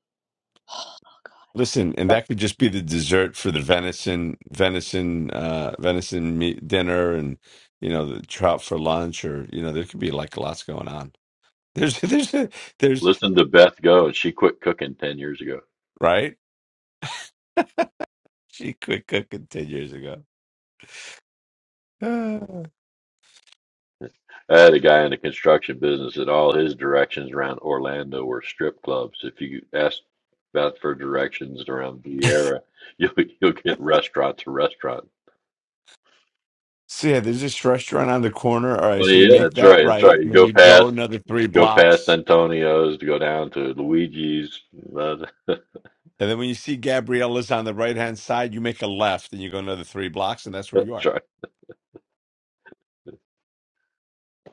Listen, and that could just be the dessert for the venison, venison, uh, venison meat dinner, and you know the trout for lunch, or you know there could be like lots going on. There's there's there's Listen to Beth go, and she quit cooking 10 years ago. right. She quit cooking ten years ago. Ah. I had a guy in the construction business that all his directions around Orlando were strip clubs. If you ask Beth for directions around Vieira, you'll, you'll get restaurants, restaurants. So yeah, there's this restaurant on the corner. All right, Well, so you yeah, make that's that right. That's right right. You when go you go past, another three go past blocks, Antonio's to go down to Luigi's. Uh, and then when you see Gabriella's on the right hand side, you make a left and you go another three blocks, and that's where you That's are. right.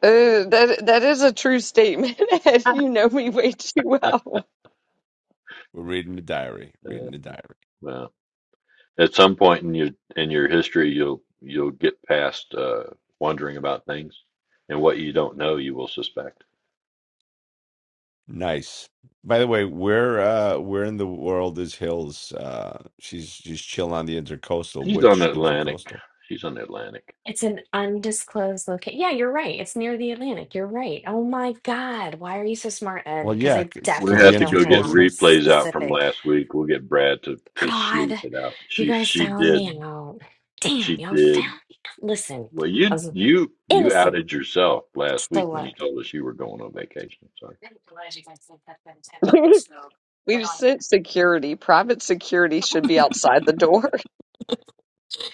Uh, that that is a true statement, Ed. You know me way too well. We're reading the diary, Yeah. reading the diary. Well, at some point in your in your history, you'll you'll get past uh, wondering about things, and what you don't know, you will suspect. Nice. By the way, where uh where in the world is Hills? Uh she's she's chilling on the intercoastal. He's on Which the Atlantic. intercoastal? She's on the Atlantic. It's an undisclosed location. Yeah, you're right. It's near the Atlantic. You're right. Oh my God. Why are you so smart, Ed? Well, Because yeah, I cause We the definitely have to don't go hang get on the intercoastal replays out from specific. last week. We'll get Brad to to sleuth God, it out. you She guys she found did me out. she Damn, y'all did found me. out. Listen, Well, I you was you you innocent. outed yourself last So week when you what? told us you were going on vacation. Sorry, I'm glad you guys didn't have that intention. So good We've on you. sent security. Private security should be outside the door.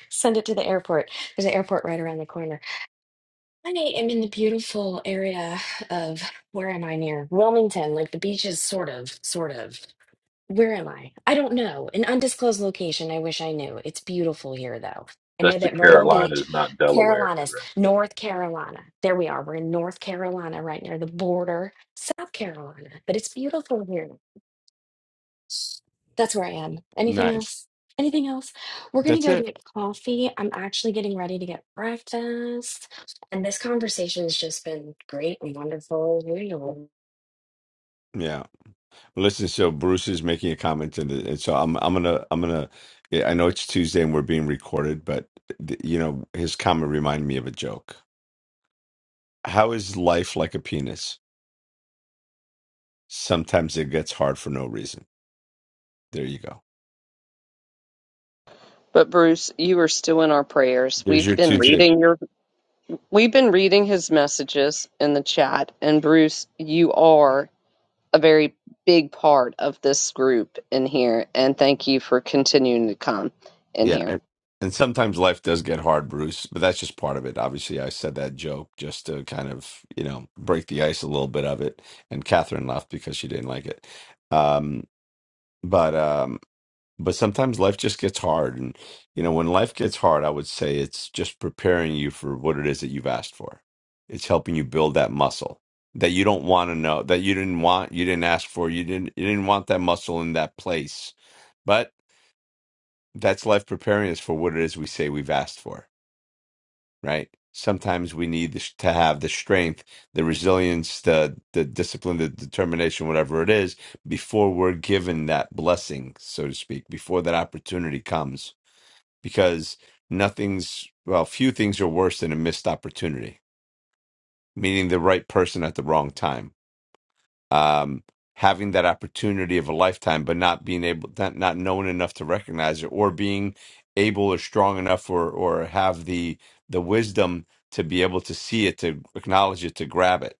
Send it to the airport. There's an airport right around the corner. I am in the beautiful area of where am I near? Wilmington, like the beaches, sort of, sort of. Where am I? I don't know. An undisclosed location. I wish I knew. It's beautiful here, though. I that's know the that Myrtle Beach, Carolinas, not Delaware, Carolinas, correct? North Carolina. There we are. We're in North Carolina, right near the border, South Carolina. But it's beautiful here. That's where I am. Anything nice. else? Anything else? We're going to That's go it. get coffee. I'm actually getting ready to get breakfast. And this conversation has just been great and wonderful. Yeah. Listen, so Bruce is making a comment in the and so I'm I'm gonna I'm gonna yeah, I know it's Tuesday and we're being recorded, but th- you know, his comment reminded me of a joke. How is life like a penis? Sometimes it gets hard for no reason. There you go. But Bruce, you are still in our prayers. There's We've your been Tuesday reading your we've been reading his messages in the chat. And Bruce, you are a very big part of this group in here. And thank you for continuing to come in Yeah, here. and, and sometimes life does get hard, Bruce, but that's just part of it. Obviously, I said that joke just to kind of, you know, break the ice a little bit of it. And Catherine laughed because she didn't like it. Um, but um, but sometimes life just gets hard, and you know, when life gets hard, I would say it's just preparing you for what it is that you've asked for. It's helping you build that muscle that you don't want to know, that you didn't want, you didn't ask for, you didn't you didn't want that muscle in that place. but that's life preparing us for what it is we say we've asked for right sometimes we need the, to have the strength the resilience the the discipline the determination whatever it is before we're given that blessing so to speak before that opportunity comes because nothing's well few things are worse than a missed opportunity meaning the right person at the wrong time um, having that opportunity of a lifetime, but not being able, not, not knowing enough to recognize it, or being able or strong enough, or or have the the wisdom to be able to see it, to acknowledge it, to grab it.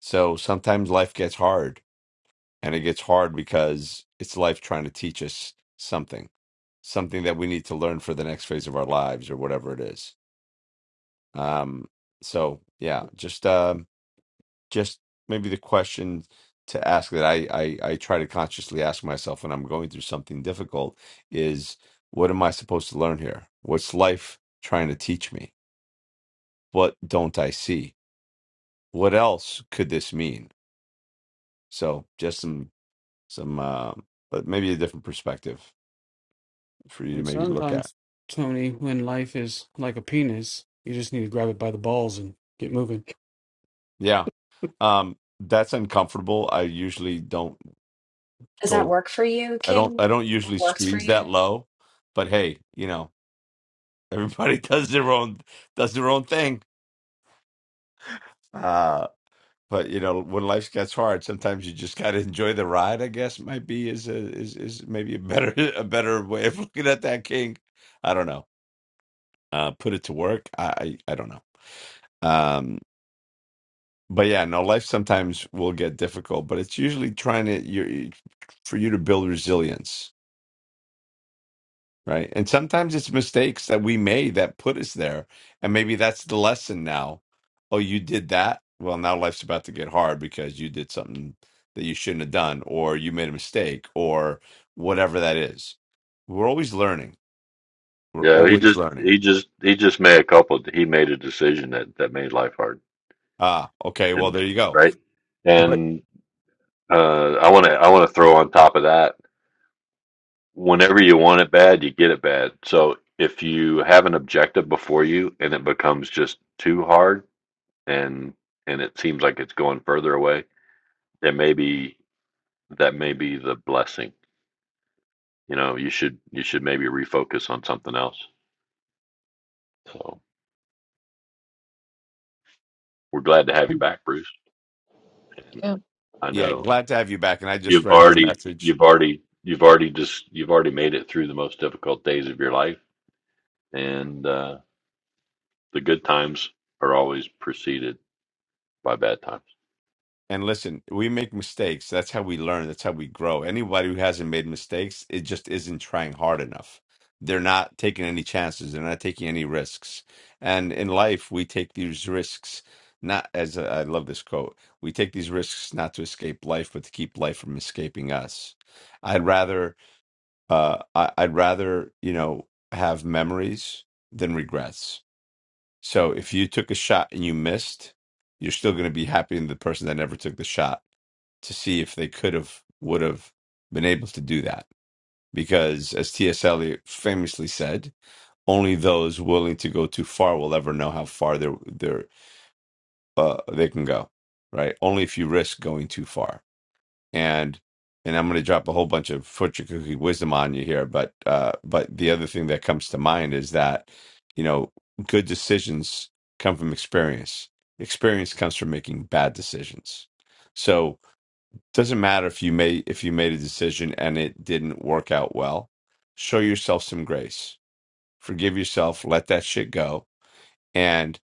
So sometimes life gets hard, and it gets hard because it's life trying to teach us something, something that we need to learn for the next phase of our lives or whatever it is. Um, so yeah, just um just maybe the question to ask that I, I I try to consciously ask myself when I'm going through something difficult is what am I supposed to learn here? What's life trying to teach me? What don't I see? What else could this mean? So just some some uh, but maybe a different perspective for you to And maybe look at. sometimes, Tony, when life is like a penis, you just need to grab it by the balls and get moving. Yeah, um, that's uncomfortable. I usually don't Does that go. work for you, I don't. King? I don't That usually works for squeeze you? that low. But hey, you know. Everybody does their own does their own thing. Uh, but you know, when life gets hard, sometimes you just gotta enjoy the ride, I guess might be is a, is is maybe a better a better way of looking at that king. I don't know. Uh, put it to work. I I, I don't know. Um, but yeah, no, life sometimes will get difficult, but it's usually trying to you for you to build resilience Right. And sometimes it's mistakes that we made that put us there. And maybe that's the lesson now. Oh, you did that? Well, now life's about to get hard because you did something that you shouldn't have done, or you made a mistake, or whatever that is. We're always learning. We're Yeah, he always just learning. he just he just made a couple. He made a decision that that made life hard, Ah, okay. Well, and there you go. right. But And uh, I want to I want to throw on top of that. Whenever you want it bad, you get it bad. So if you have an objective before you and it becomes just too hard, and and it seems like it's going further away, then maybe. that may be the blessing. You know, you should you should maybe refocus on something else. So we're glad to have you back, Bruce. And Yeah. I yeah, know glad to have you back. And I just you've read your already message. you've already you've already just you've already made it through the most difficult days of your life, and uh, the good times are always preceded by bad times. And listen, we make mistakes. That's how we learn. That's how we grow. Anybody who hasn't made mistakes, it just isn't trying hard enough. They're not taking any chances. They're not taking any risks. And in life, we take these risks not as a, I love this quote. We take these risks not to escape life, but to keep life from escaping us. I'd rather, uh, I, I'd rather you know have memories than regrets so if you took a shot and you missed, you're still going to be happy in the person that never took the shot to see if they could have, would have been able to do that. Because as T.S. Eliot famously said, only those willing to go too far will ever know how far they're, they're, uh, they can go, right? Only if you risk going too far and and I'm going to drop a whole bunch of fortune cookie wisdom on you here, but uh, but the other thing that comes to mind is that you know good decisions come from experience. Experience comes from making bad decisions. So doesn't matter if you made if you made a decision and it didn't work out well. Show yourself some grace. Forgive yourself. Let that shit go. And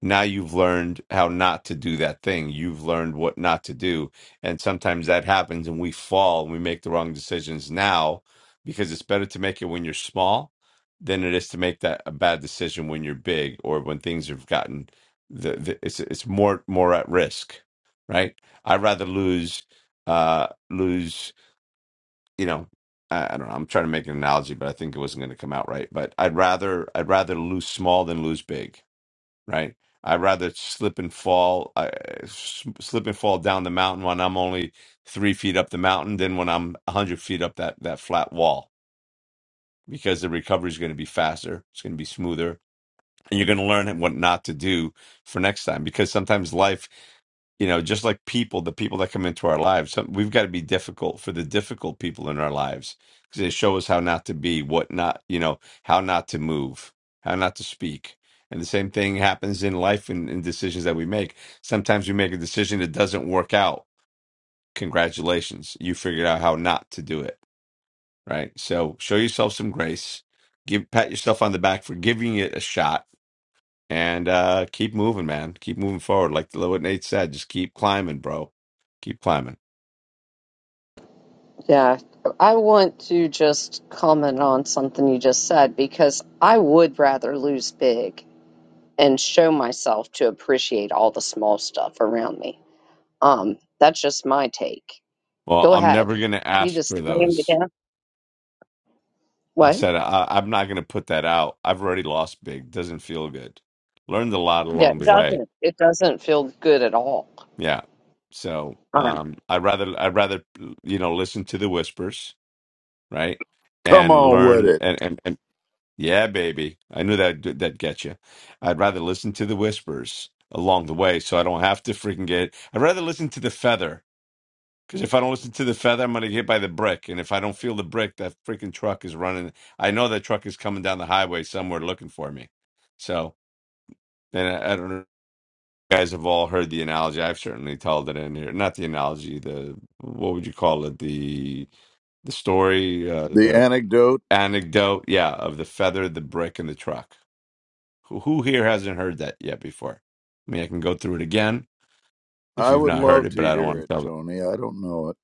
now you've learned how not to do that thing you've learned what not to do and sometimes that happens and we fall and we make the wrong decisions now because it's better to make it when you're small than it is to make that a bad decision when you're big or when things have gotten the, the it's it's more more at risk right i'd rather lose uh lose you know I, I don't know i'm trying to make an analogy but i think it wasn't going to come out right but i'd rather i'd rather lose small than lose big right? I'd rather slip and fall, I, s- slip and fall down the mountain when I'm only three feet up the mountain than when I'm a hundred feet up that that flat wall because the recovery is going to be faster, it's going to be smoother, and you're going to learn what not to do for next time. Because sometimes life you know, just like people, the people that come into our lives, some, we've got to be difficult for the difficult people in our lives because they show us how not to be, what not, you know, how not to move, how not to speak. And the same thing happens in life and in, decisions that we make. Sometimes we make a decision that doesn't work out. Congratulations, you figured out how not to do it, right? So show yourself some grace, give pat yourself on the back for giving it a shot and uh keep moving man keep moving forward like what nate said just keep climbing bro keep climbing Yeah, I want to just comment on something you just said because I would rather lose big and show myself to appreciate all the small stuff around me. Um, that's just my take. well Go i'm ahead. never gonna You ask just for slammed it those down. i What? said I, i'm not gonna put that out i've already lost big doesn't feel good learned a lot Yeah, along it the way doesn't. It doesn't feel good at all. yeah so Um, um i'd rather i'd rather you know listen to the whispers right Come and on with learn it. and and, and Yeah, baby. I knew that that'd get you. I'd rather listen to the whispers along the way, so I don't have to freaking get. I'd rather listen to the feather because if I don't listen to the feather, I'm gonna get hit by the brick, and if I don't feel the brick, that freaking truck is running. I know that truck is coming down the highway somewhere looking for me. So, and I, I don't know. You guys have all heard the analogy. I've certainly told it in here. Not the analogy. The what would you call it? The the story, uh, The the anecdote. anecdote. Yeah, of the feather, the brick, and the truck Who who here hasn't heard that yet before? I mean, I can go through it again if I you've would not heard love it, but to I don't hear want to it, tell it. Tony. I don't know it.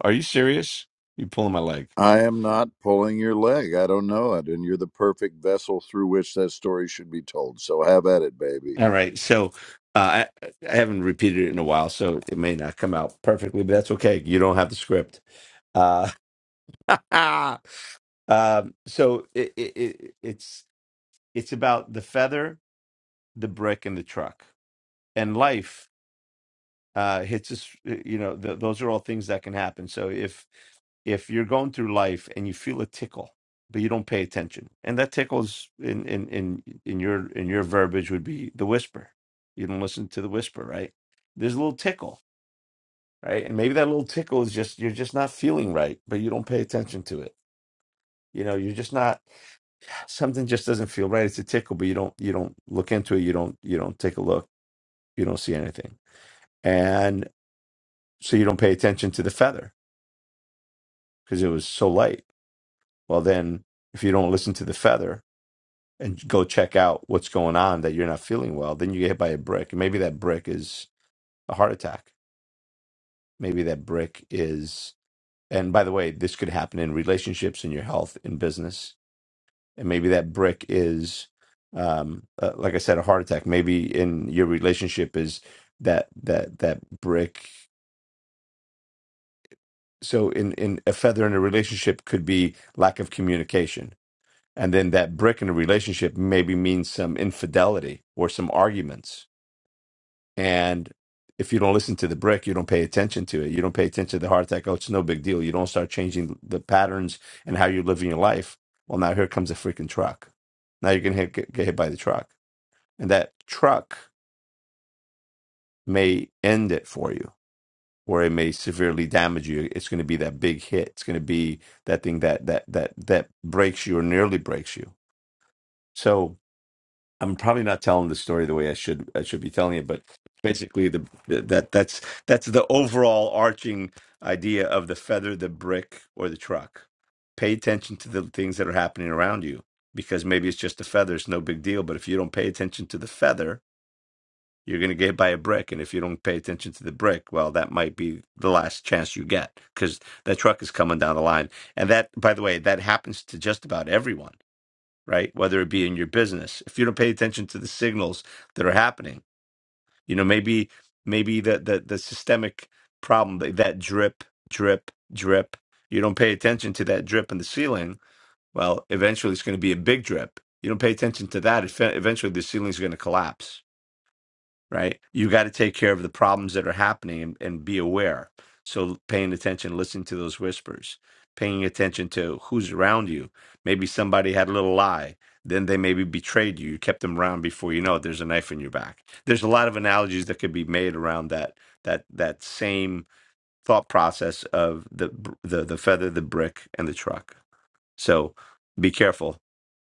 Are you serious? You're pulling my leg. I am not pulling your leg. I don't know it, and you're the perfect vessel through which that story should be told. So have at it, baby. All right. So uh, I, I haven't repeated it in a while, so it may not come out perfectly, but that's okay. You don't have the script. Uh, um, so it, it, it, it's it's about the feather, the brick, and the truck, and life uh it's just, us you know th- those are all things that can happen so if if you're going through life and you feel a tickle but you don't pay attention and that tickles in in in in your in your verbiage would be the whisper you don't listen to the whisper right there's a little tickle right and maybe that little tickle is just you're just not feeling right but you don't pay attention to it you know you're just not something just doesn't feel right it's a tickle but you don't you don't look into it you don't you don't take a look you don't see anything and so you don't pay attention to the feather because it was so light. Well, then if you don't listen to the feather and go check out what's going on that you're not feeling well, then you get hit by a brick. And maybe that brick is a heart attack. Maybe that brick is, and by the way, this could happen in relationships, in your health, in business. And maybe that brick is, um, uh, like I said, a heart attack. Maybe in your relationship is that that that brick. So in in a feather in a relationship could be lack of communication And then that brick in a relationship maybe means some infidelity or some arguments. And if you don't listen to the brick, you don't pay attention to it. You don't pay attention to the heart attack. Oh, it's no big deal. You don't start changing the patterns and how you're living your life. Well, now here comes a freaking truck. Now you're going to get get hit by the truck. And that truck may end it for you or it may severely damage you. It's going to be that big hit. It's going to be that thing that, that, that, that breaks you or nearly breaks you. So, I'm probably not telling the story the way I should I should be telling it, but basically the that that's that's the overall arching idea of the feather, the brick, or the truck. Pay attention to the things that are happening around you because maybe it's just a feather, it's no big deal. But if you don't pay attention to the feather, you're going to get hit by a brick, and if you don't pay attention to the brick, well, that might be the last chance you get because that truck is coming down the line. And that, by the way, that happens to just about everyone right? Whether it be in your business, if you don't pay attention to the signals that are happening, you know, maybe maybe the the, the systemic problem that, that drip, drip, drip. You don't pay attention to that drip in the ceiling. Well, eventually it's going to be a big drip. You don't pay attention to that. it- fe- Eventually the ceiling's going to collapse right? You got to take care of the problems that are happening and, and be aware. So paying attention, listening to those whispers, paying attention to who's around you. Maybe somebody had a little lie, then they maybe betrayed you. You kept them around before you know it. There's a knife in your back. There's a lot of analogies that could be made around that that that same thought process of the br- the the feather, the brick, and the truck. So be careful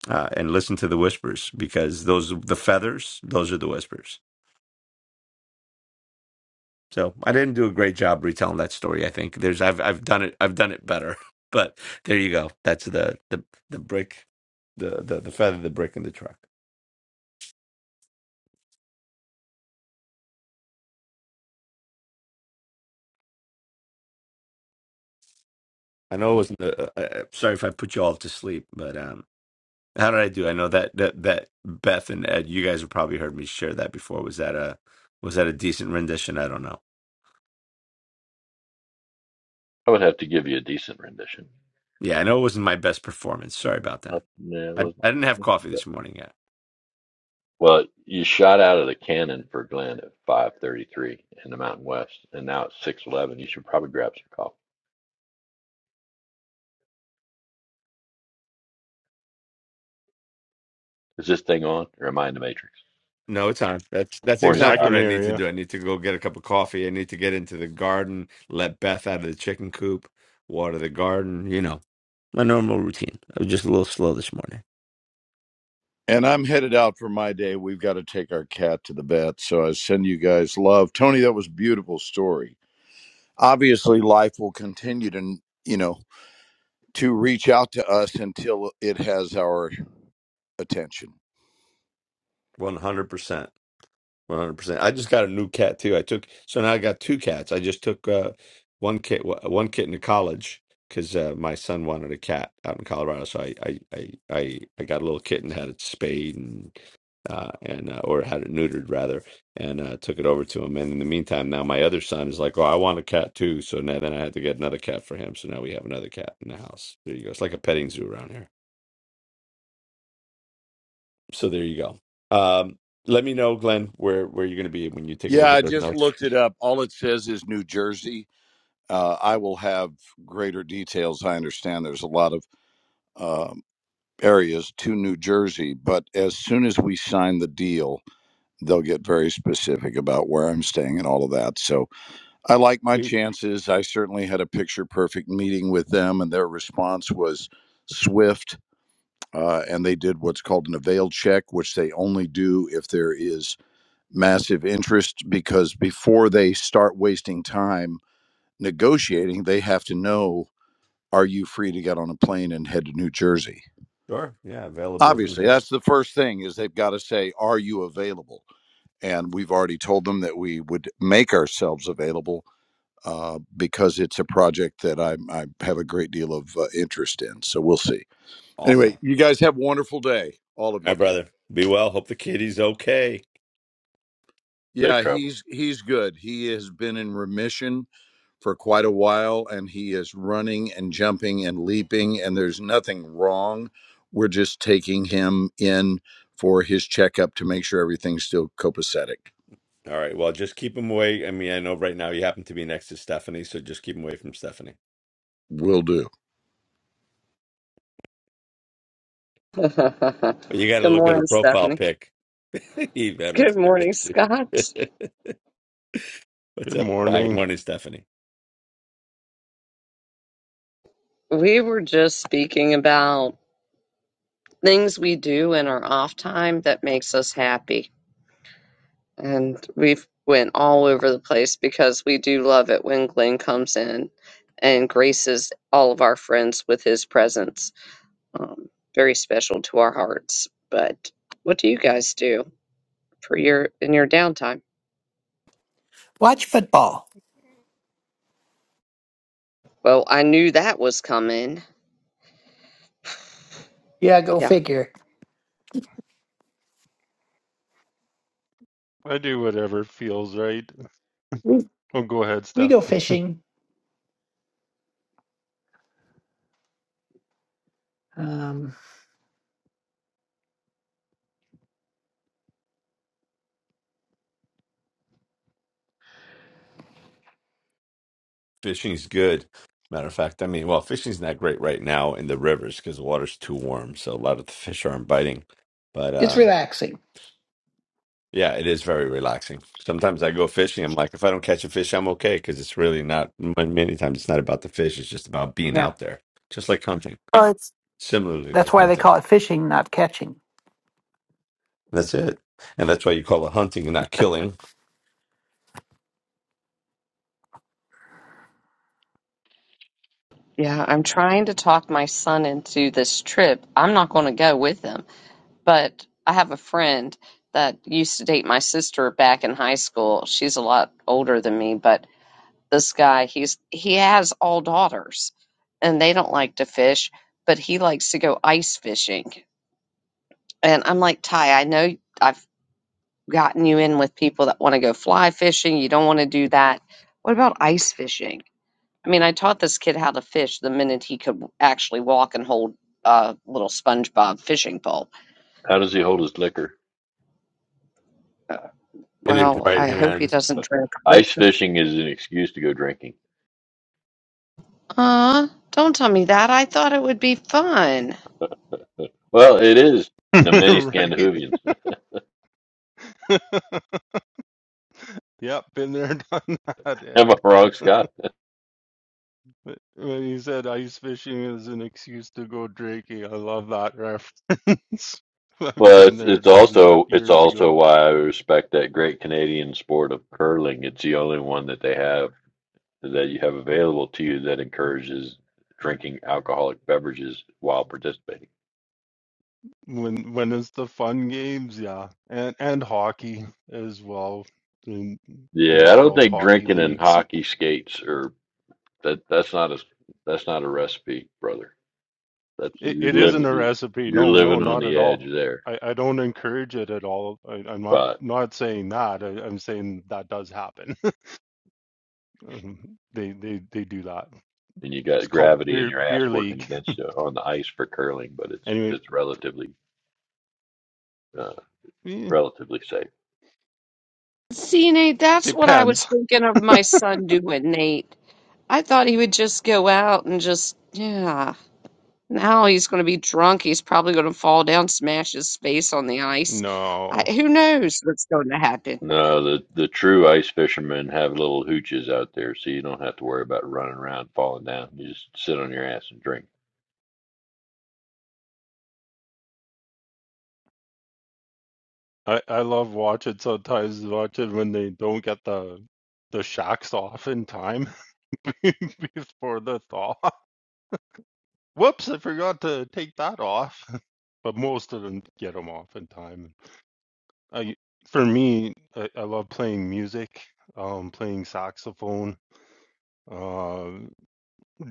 uh, and listen to the whispers because those the feathers, those are the whispers So I didn't do a great job retelling that story. I think there's I've I've done it I've done it better. But there you go. That's the the the brick, the the, the feather, the brick, and the truck. I know it wasn't. Uh, uh, uh, sorry if I put you all to sleep, but um, how did I do? I know that that that Beth and Ed, you guys have probably heard me share that before. Was that a was that a decent rendition? I don't know. I would have to give you a decent rendition. Yeah, I know it wasn't my best performance. Sorry about that. Not- nah, it I wasn't, I didn't have wasn't too coffee bad. this morning Well, you shot out of the cannon for Glenn at 5:33 in the Mountain West, and now it's 6:11. You should probably grab some coffee. Is this thing on? Or am I in the Matrix? No, it's on. That's that's Morning, no. I exactly can what Scott. I hear need to you. do. I need to go get a cup of coffee. I need to get into the garden, let Beth out of the chicken coop, water the garden, you know, my normal routine. I was just a little slow this morning. And I'm headed out for my day. We've got to take our cat to the vet. So I send you guys love. Tony, that was a beautiful story. Obviously, life will continue to, you know, to reach out to us until it has our attention. 100%. 100%. I just got a new cat too. I took so now I got two cats. I just took uh one kit one kitten to college cuz uh, my son wanted a cat out in Colorado, so I I I I, I got a little kitten had its spayed and uh, and uh, or had it neutered rather, and uh, took it over to him. And in the meantime, now my other son is like, "Oh, I want a cat too." So now then I had to get another cat for him. So now we have another cat in the house. There you go. It's like a petting zoo around here. So there you go. Um, let me know, Glenn, where where you're going to be when you take a look Yeah, at I those just notes. looked it up. All it says is New Jersey. Uh, I will have greater details. I understand there's a lot of uh, areas to New Jersey. But as soon as we sign the deal, they'll get very specific about where I'm staying and all of that. So I like my Sweet. chances. I certainly had a picture perfect meeting with them, and their response was swift. Uh, and they did what's called an avail check, which they only do if there is massive interest, because before they start wasting time negotiating, they have to know are you free to get on a plane and head to New Jersey? Sure. Yeah. Availability. obviously that's the first thing is they've got to say are you available and we've already told them that we would make ourselves available uh, because it's a project that I, I have a great deal of uh, interest in so we'll see Awesome. anyway you guys have a wonderful day all of you All right, brother. Be well. Hope the kitty's okay. Safe Yeah, travel. he's he's good. He has been in remission for quite a while and he is running and jumping and leaping and there's nothing wrong. We're just taking him in for his checkup to make sure everything's still copacetic. All right. Well, just keep him away. I mean, I know right now you happen to be next to Stephanie, so just keep him away from Stephanie. Will do. Good But you got to look at her morning, profile Stephanie. pic. you better Good keep morning, it. Scott. What's Good up? Good morning. morning, Stephanie. We were just speaking about things we do in our off time that makes us happy and we've went all over the place because we do love it when Glenn comes in and graces all of our friends with his presence. Um, very special to our hearts. But what do you guys do for your in your downtime? Watch football. Well, I knew that was coming. Yeah, go Yeah, figure. I do whatever feels right. We Oh, go ahead, we Steph. go fishing. Um, Fishing's good. Matter of fact, I mean, well, fishing's not great right now in the rivers because the water's too warm, so a lot of the fish aren't biting. But it's um, relaxing. yeah, it is very relaxing. Sometimes I go fishing. I'm like, if I don't catch a fish, I'm okay because it's really not. Many times it's not about the fish. It's just about being Yeah. out there, just like hunting. Well, it's similarly That's like why they hunting. call it fishing, not catching. That's it. And that's why you call it hunting and not killing. yeah. I'm trying to talk my son into this trip. I'm not going to go with him, but I have a friend that used to date my sister back in high school. She's a lot older than me, but this guy he's he has all daughters and they don't like to fish but he likes to go ice fishing and i'm like ty i know i've gotten you in with people that want to go fly fishing you don't want to do that what about ice fishing i mean i taught this kid how to fish the minute he could actually walk and hold a little spongebob fishing pole How does he hold his liquor? Uh, It is well right i hope he hand. doesn't drink Ice fishing is an excuse to go drinking. uh don't tell me that i thought it would be fun Well, it is the many right? Scandinavians. yep, been there, done that, am I Ed. wrong, Scott? But When you said ice fishing is an excuse to go drinking, I love that reference. I've Well, been it's, there, it's done that also it's years ago. also why I respect that great Canadian sport of curling. It's the only one that they have that you have available to you that encourages drinking alcoholic beverages while participating. When when it's the fun games, yeah, and and hockey as well in the Yeah, I don't adult think hockey drinking in leagues. hockey skates or that that's not a that's not a recipe, brother. That's It, you're it isn't living a you- recipe. you're No, no, living on not the at edge all. there, I, I don't encourage it at all. I, I'm not but not saying that. I, I'm saying that does happen. Um, they they they do that. and you It's got called gravity in beer your ass beer working league. against you on the ice for curling, but it's Anyway, it's relatively uh, eh, relatively safe. See, Nate, that's what I was depends. thinking of my son doing, Nate. I thought he would just go out and just, yeah. Now he's going to be drunk. He's probably going to fall down, smash his face on the ice. I, No, who knows what's going to happen? No, the the true ice fishermen have little hooches out there, so you don't have to worry about running around falling down. You just sit on your ass and drink. I I love watching sometimes. Watch it when they don't get the the shacks off in time before the thaw. Whoops! I forgot to take that off. But most of them get them off in time. I for me, I, I love playing music, um, playing saxophone, uh,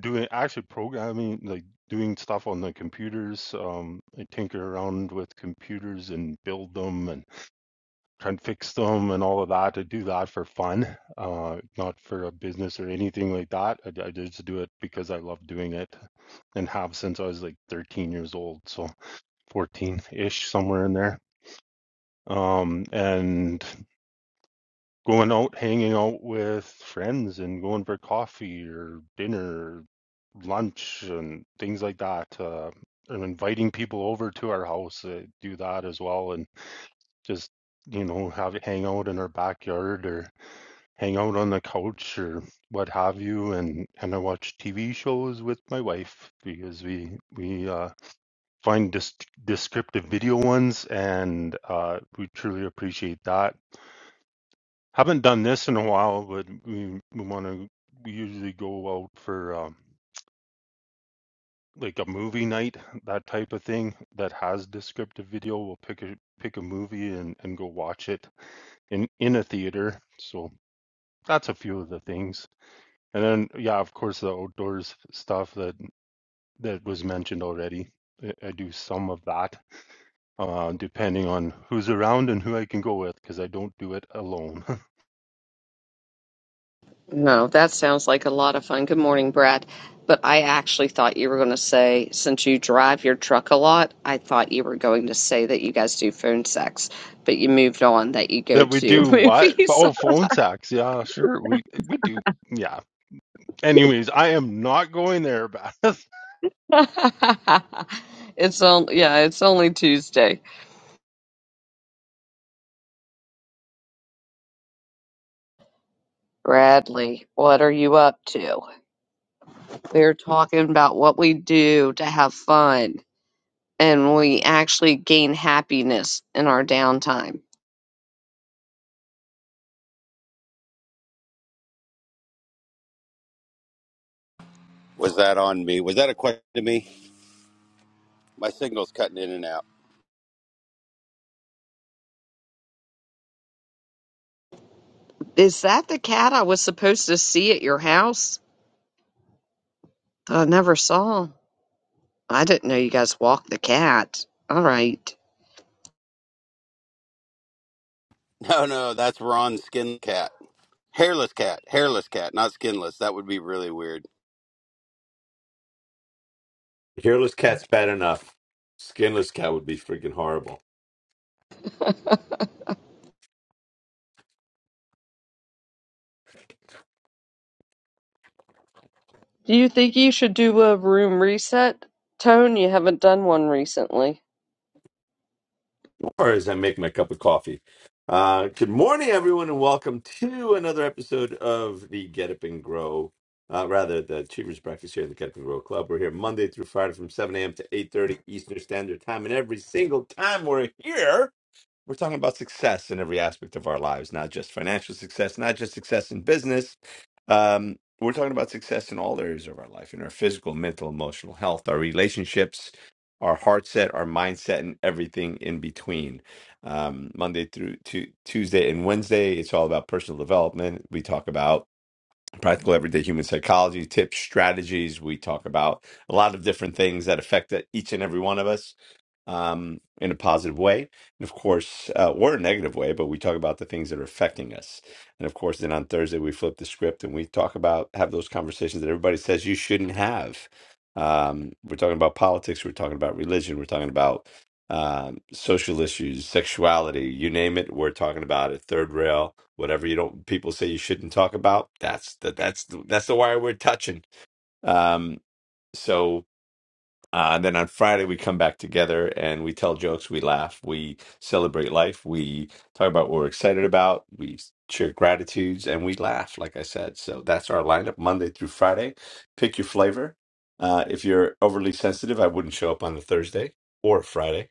doing actually programming, like doing stuff on the computers. Um, I tinker around with computers and build them and try and fix them and all of that. I do that for fun, uh, not for a business or anything like that. I, I just do it because I love doing it and have since I was like 13 years old, so 14-ish somewhere in there. Um, and going out, hanging out with friends and going for coffee or dinner, lunch, and things like that. Uh, and inviting people over to our house, uh, do that as well. And just, you know, have it hang out in our backyard or hang out on the couch or what have you. And, and I watch TV shows with my wife because we, we, uh, find dis- descriptive video ones and, uh, we truly appreciate that haven't done this in a while, but we we want to we usually go out for um, like a movie night, that type of thing that has descriptive video. We'll pick a pick a movie and and go watch it in in a theater. So that's a few of the things. And then yeah, of course the outdoors stuff that that was mentioned already. I, I do some of that, uh, depending on who's around and who I can go with, because I don't do it alone. No, that sounds like a lot of fun. Good morning, Brad. But I actually thought you were going to say, since you drive your truck a lot, I thought you were going to say that you guys do phone sex, but you moved on that you go That we to do what? movies. Oh, phone sex. Yeah, sure. We we do. Yeah. Anyways, I am not going there, Beth. I It's on, yeah, it's only Tuesday. Bradley, what are you up to? We're talking about what we do to have fun and we actually gain happiness in our downtime. Was that on me? Was that a question to me? My signal's cutting in and out. Is that the cat I was supposed to see at your house? I never saw. I didn't know you guys walked the cat. All right. No, no, that's Ron Skin Cat. Hairless cat. Hairless cat, not skinless. That would be really weird. Hairless cat's bad enough. Skinless cat would be freaking horrible. Do you think you should do a room reset? Tone, you haven't done one recently. Or as I make my cup of coffee. Uh, good morning, everyone, and welcome to another episode of the Get Up and Grow. Uh, rather, the Achievers Breakfast here in the Get Up and Grow Club. We're here Monday through Friday from 7 a.m. to 8.30 Eastern Standard Time. And every single time we're here, We're talking about success in every aspect of our lives, not just financial success, not just success in business. Um, we're talking about success in all areas of our life, in our physical, mental, emotional health, our relationships, our heart set, our mindset, and everything in between. Um, Monday through to Tuesday and Wednesday, it's all about personal development. We talk about practical everyday human psychology tips, strategies. We talk about a lot of different things that affect e-, each and every one of us um, in a positive way. And of course, uh, or a negative way, but we talk about the things that are affecting us. And of course, then on Thursday, we flip the script and we talk about, have those conversations that everybody says you shouldn't have. Um, we're talking about politics, we're talking about religion, we're talking about um, social issues, sexuality, you name it, we're talking about it. Third rail, whatever you don't people say you shouldn't talk about, that's the that's the, that's the wire we're touching. Um, so uh, then on Friday we come back together and we tell jokes, we laugh, we celebrate life, we talk about what we're excited about, we share gratitudes, and we laugh. Like I said, so that's our lineup Monday through Friday. Pick your flavor. Uh, if you're overly sensitive, I wouldn't show up on a Thursday or a Friday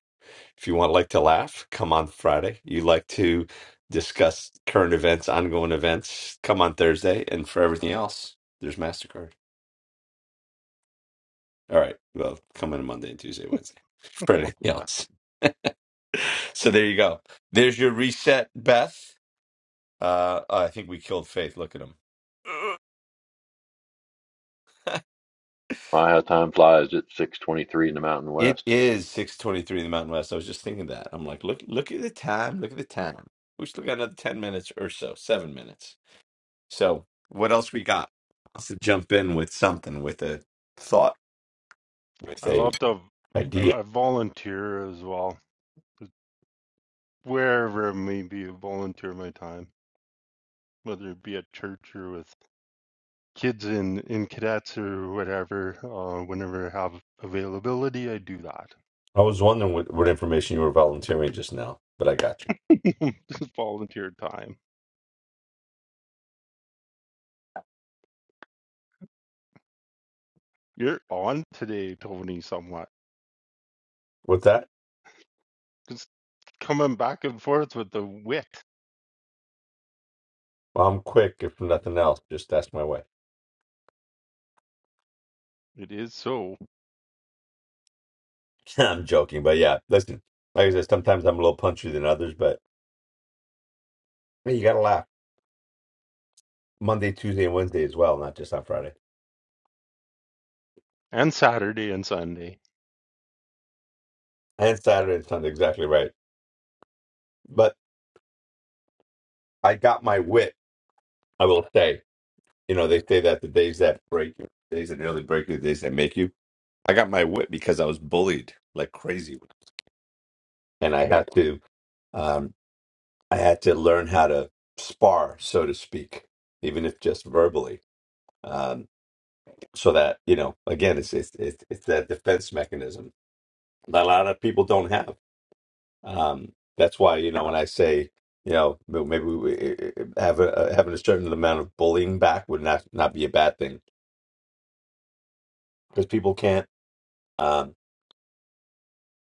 if you want like to laugh, come on Friday. You like to discuss current events, ongoing events, come on Thursday. And for everything else, there's MasterCard. All right. Well, come on Monday and Tuesday, Wednesday. For love anything that. else. So there you go. There's your reset, Beth. Uh I think we killed Faith. Look at him. My how time flies! It's six twenty three in the Mountain It West. is 6:23 in the Mountain West. I was just thinking that. I'm like, look look at the time, look at the time. We still got another 10 minutes or so, 7 minutes. So, what else we got? Let's jump in with something, with a thought, with I a love to idea. I volunteer as well. Wherever it may be, I volunteer my time, whether it be at church or with kids in in cadets or whatever. Uh, whenever I have availability, I do that. I was wondering what, what information you were volunteering just now, but I got you. Just volunteer time. You're on today, Tony, somewhat. With that, Just coming back and forth with the wit. Well, I'm quick. If nothing else, just ask my wife. It is so. I'm joking, but yeah, listen. Like I said, sometimes I'm a little punchier than others, but hey, you gotta laugh. Monday, Tuesday, and Wednesday as well, not just on Friday and Saturday and Sunday and Saturday and Sunday. Exactly right. But I got my wit. I will say, you know, they say that the days that break you, days that nearly break you, the days that make you. I got my whip because I was bullied like crazy, and I Right. had to um, I had to learn how to spar, so to speak, even if just verbally, um, so that you know again it's it's it's, it's that defense mechanism that a lot of people don't have. Um, that's why you know when I say you know m- maybe we, have a, uh, having a certain amount of bullying back would not not be a bad thing because people can't. Um,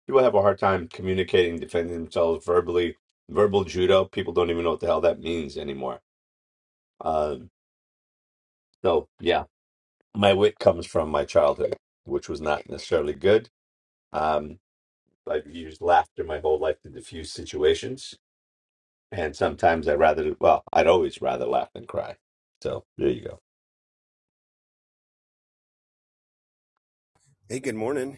people have a hard time communicating, defending themselves verbally. Verbal judo, people don't even know what the hell that means anymore. Uh, so, yeah, my wit comes from my childhood, which was not necessarily good. Um, I've used laughter my whole life to diffuse situations. And sometimes I'd rather, well, I'd always rather laugh than cry. So there you go. Hey, good morning.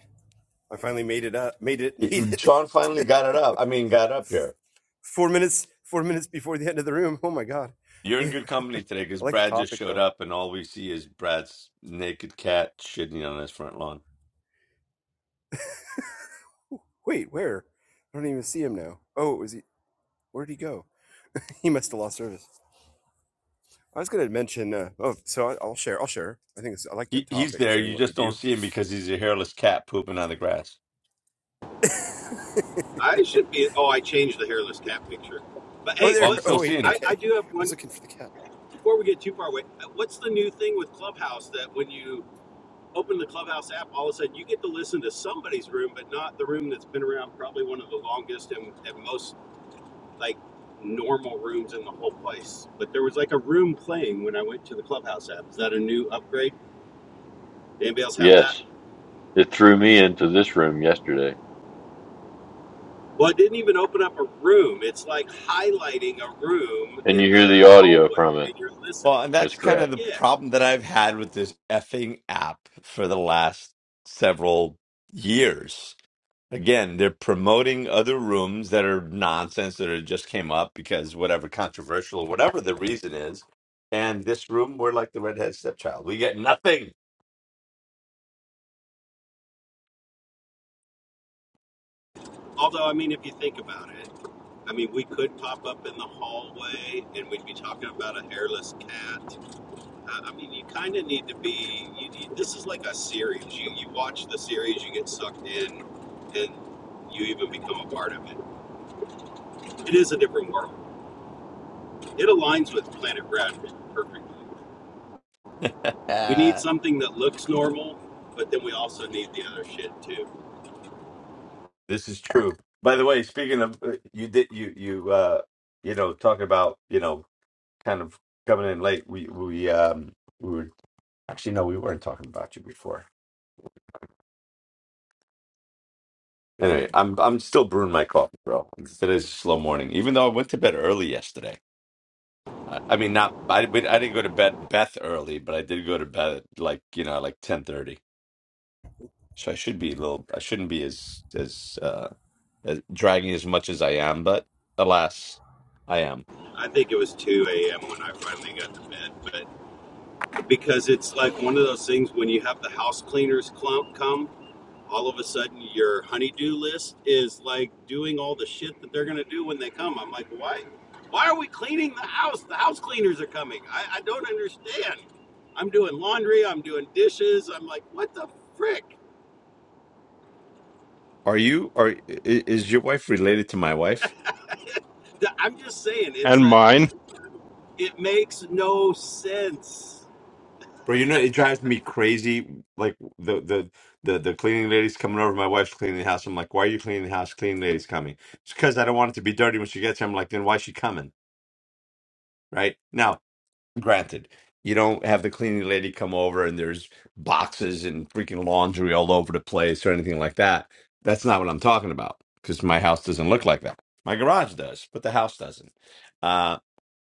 I finally made it up. Made it. Made It- it. Sean finally got it up. I mean, got up here. Four minutes. Four minutes before the end of the room. Oh my god. You're in good company today I because like the Brad just topic showed though. up, and all we see is Brad's naked cat shitting on his front lawn. Wait, where? I don't even see him now. Oh, was he? Where did he go? He must have lost service. I was going to mention. Uh, oh, so I, I'll share. I'll share. I think it's, I like the He he's topic. there. Sharing You what you just don't see do. him because he's a hairless cat pooping on the grass. I should be. Oh, I changed the hairless cat picture. But oh, hey, Well, there. I'm what? Oh still wait. seeing I, it. I Okay. do have I was one. looking for the cat. Before we get too far away, uh, what's the new thing with Clubhouse that when you open the Clubhouse app, all of a sudden you get to listen to somebody's room, but not the room that's been around probably one of the longest and, and most like normal rooms in the whole place. But there was like a room playing when I went to the Clubhouse app. Is that a new upgrade? Anybody else have that? Yes, it threw me into this room yesterday, Well, it didn't even open up a room. It's like highlighting a room and you in hear the the audio hallway from and it. you're listening. Well, and That's that's kind correct. of the Yeah. problem that I've had with this effing app for the last several years. Again, they're promoting other rooms that are nonsense that are, just came up because whatever controversial, whatever the reason is. And this room, we're like the redhead stepchild. We get nothing. Although, I mean, if you think about it, I mean, we could pop up in the hallway and we'd be talking about a hairless cat. Uh, I mean, you kind of need to be, you need, this is like a series. You, you watch the series, you get sucked in, and you even become a part of it. It is a different world. It aligns with Planet Bradford perfectly. We need this something that looks normal, but then we also need the other shit too. is true. By the way, speaking of uh, you did you you uh you know talking about you know kind of coming in late. We we um we were actually no, we weren't talking about you before. Anyway, I'm I'm still brewing my coffee, bro. Today's a slow morning, even though I went to bed early yesterday. I, I mean, not I, we- I didn't go to bed Beth early, but I did go to bed at like you know like ten thirty. So I should be a little. I shouldn't be as as uh as dragging as much as I am, but alas, I am. I think it was 2 a.m. when I finally got to bed, but because it's like one of those things when you have the house cleaners clump come, all of a sudden your honeydew list is like doing all the shit that they're gonna do when they come. I'm like, why? Why are we cleaning the house? The house cleaners are coming. I, I don't understand. I'm doing laundry. I'm doing dishes. I'm like, what the frick? Are you? Are i- is your wife related to my wife? Th- I'm just saying it's and a mine. it makes no sense. Bro, you know it drives me crazy. Like the the the the cleaning lady's coming over. My wife's cleaning the house. I'm like, why are you cleaning the house? Cleaning lady's coming. It's because I don't want it to be dirty when she gets here. I'm like, then why is she coming? Right now, granted, you don't have the cleaning lady come over and there's boxes and freaking laundry all over the place or anything like that. That's not what I'm talking about because my house doesn't look like that. My garage does, but the house doesn't. Uh,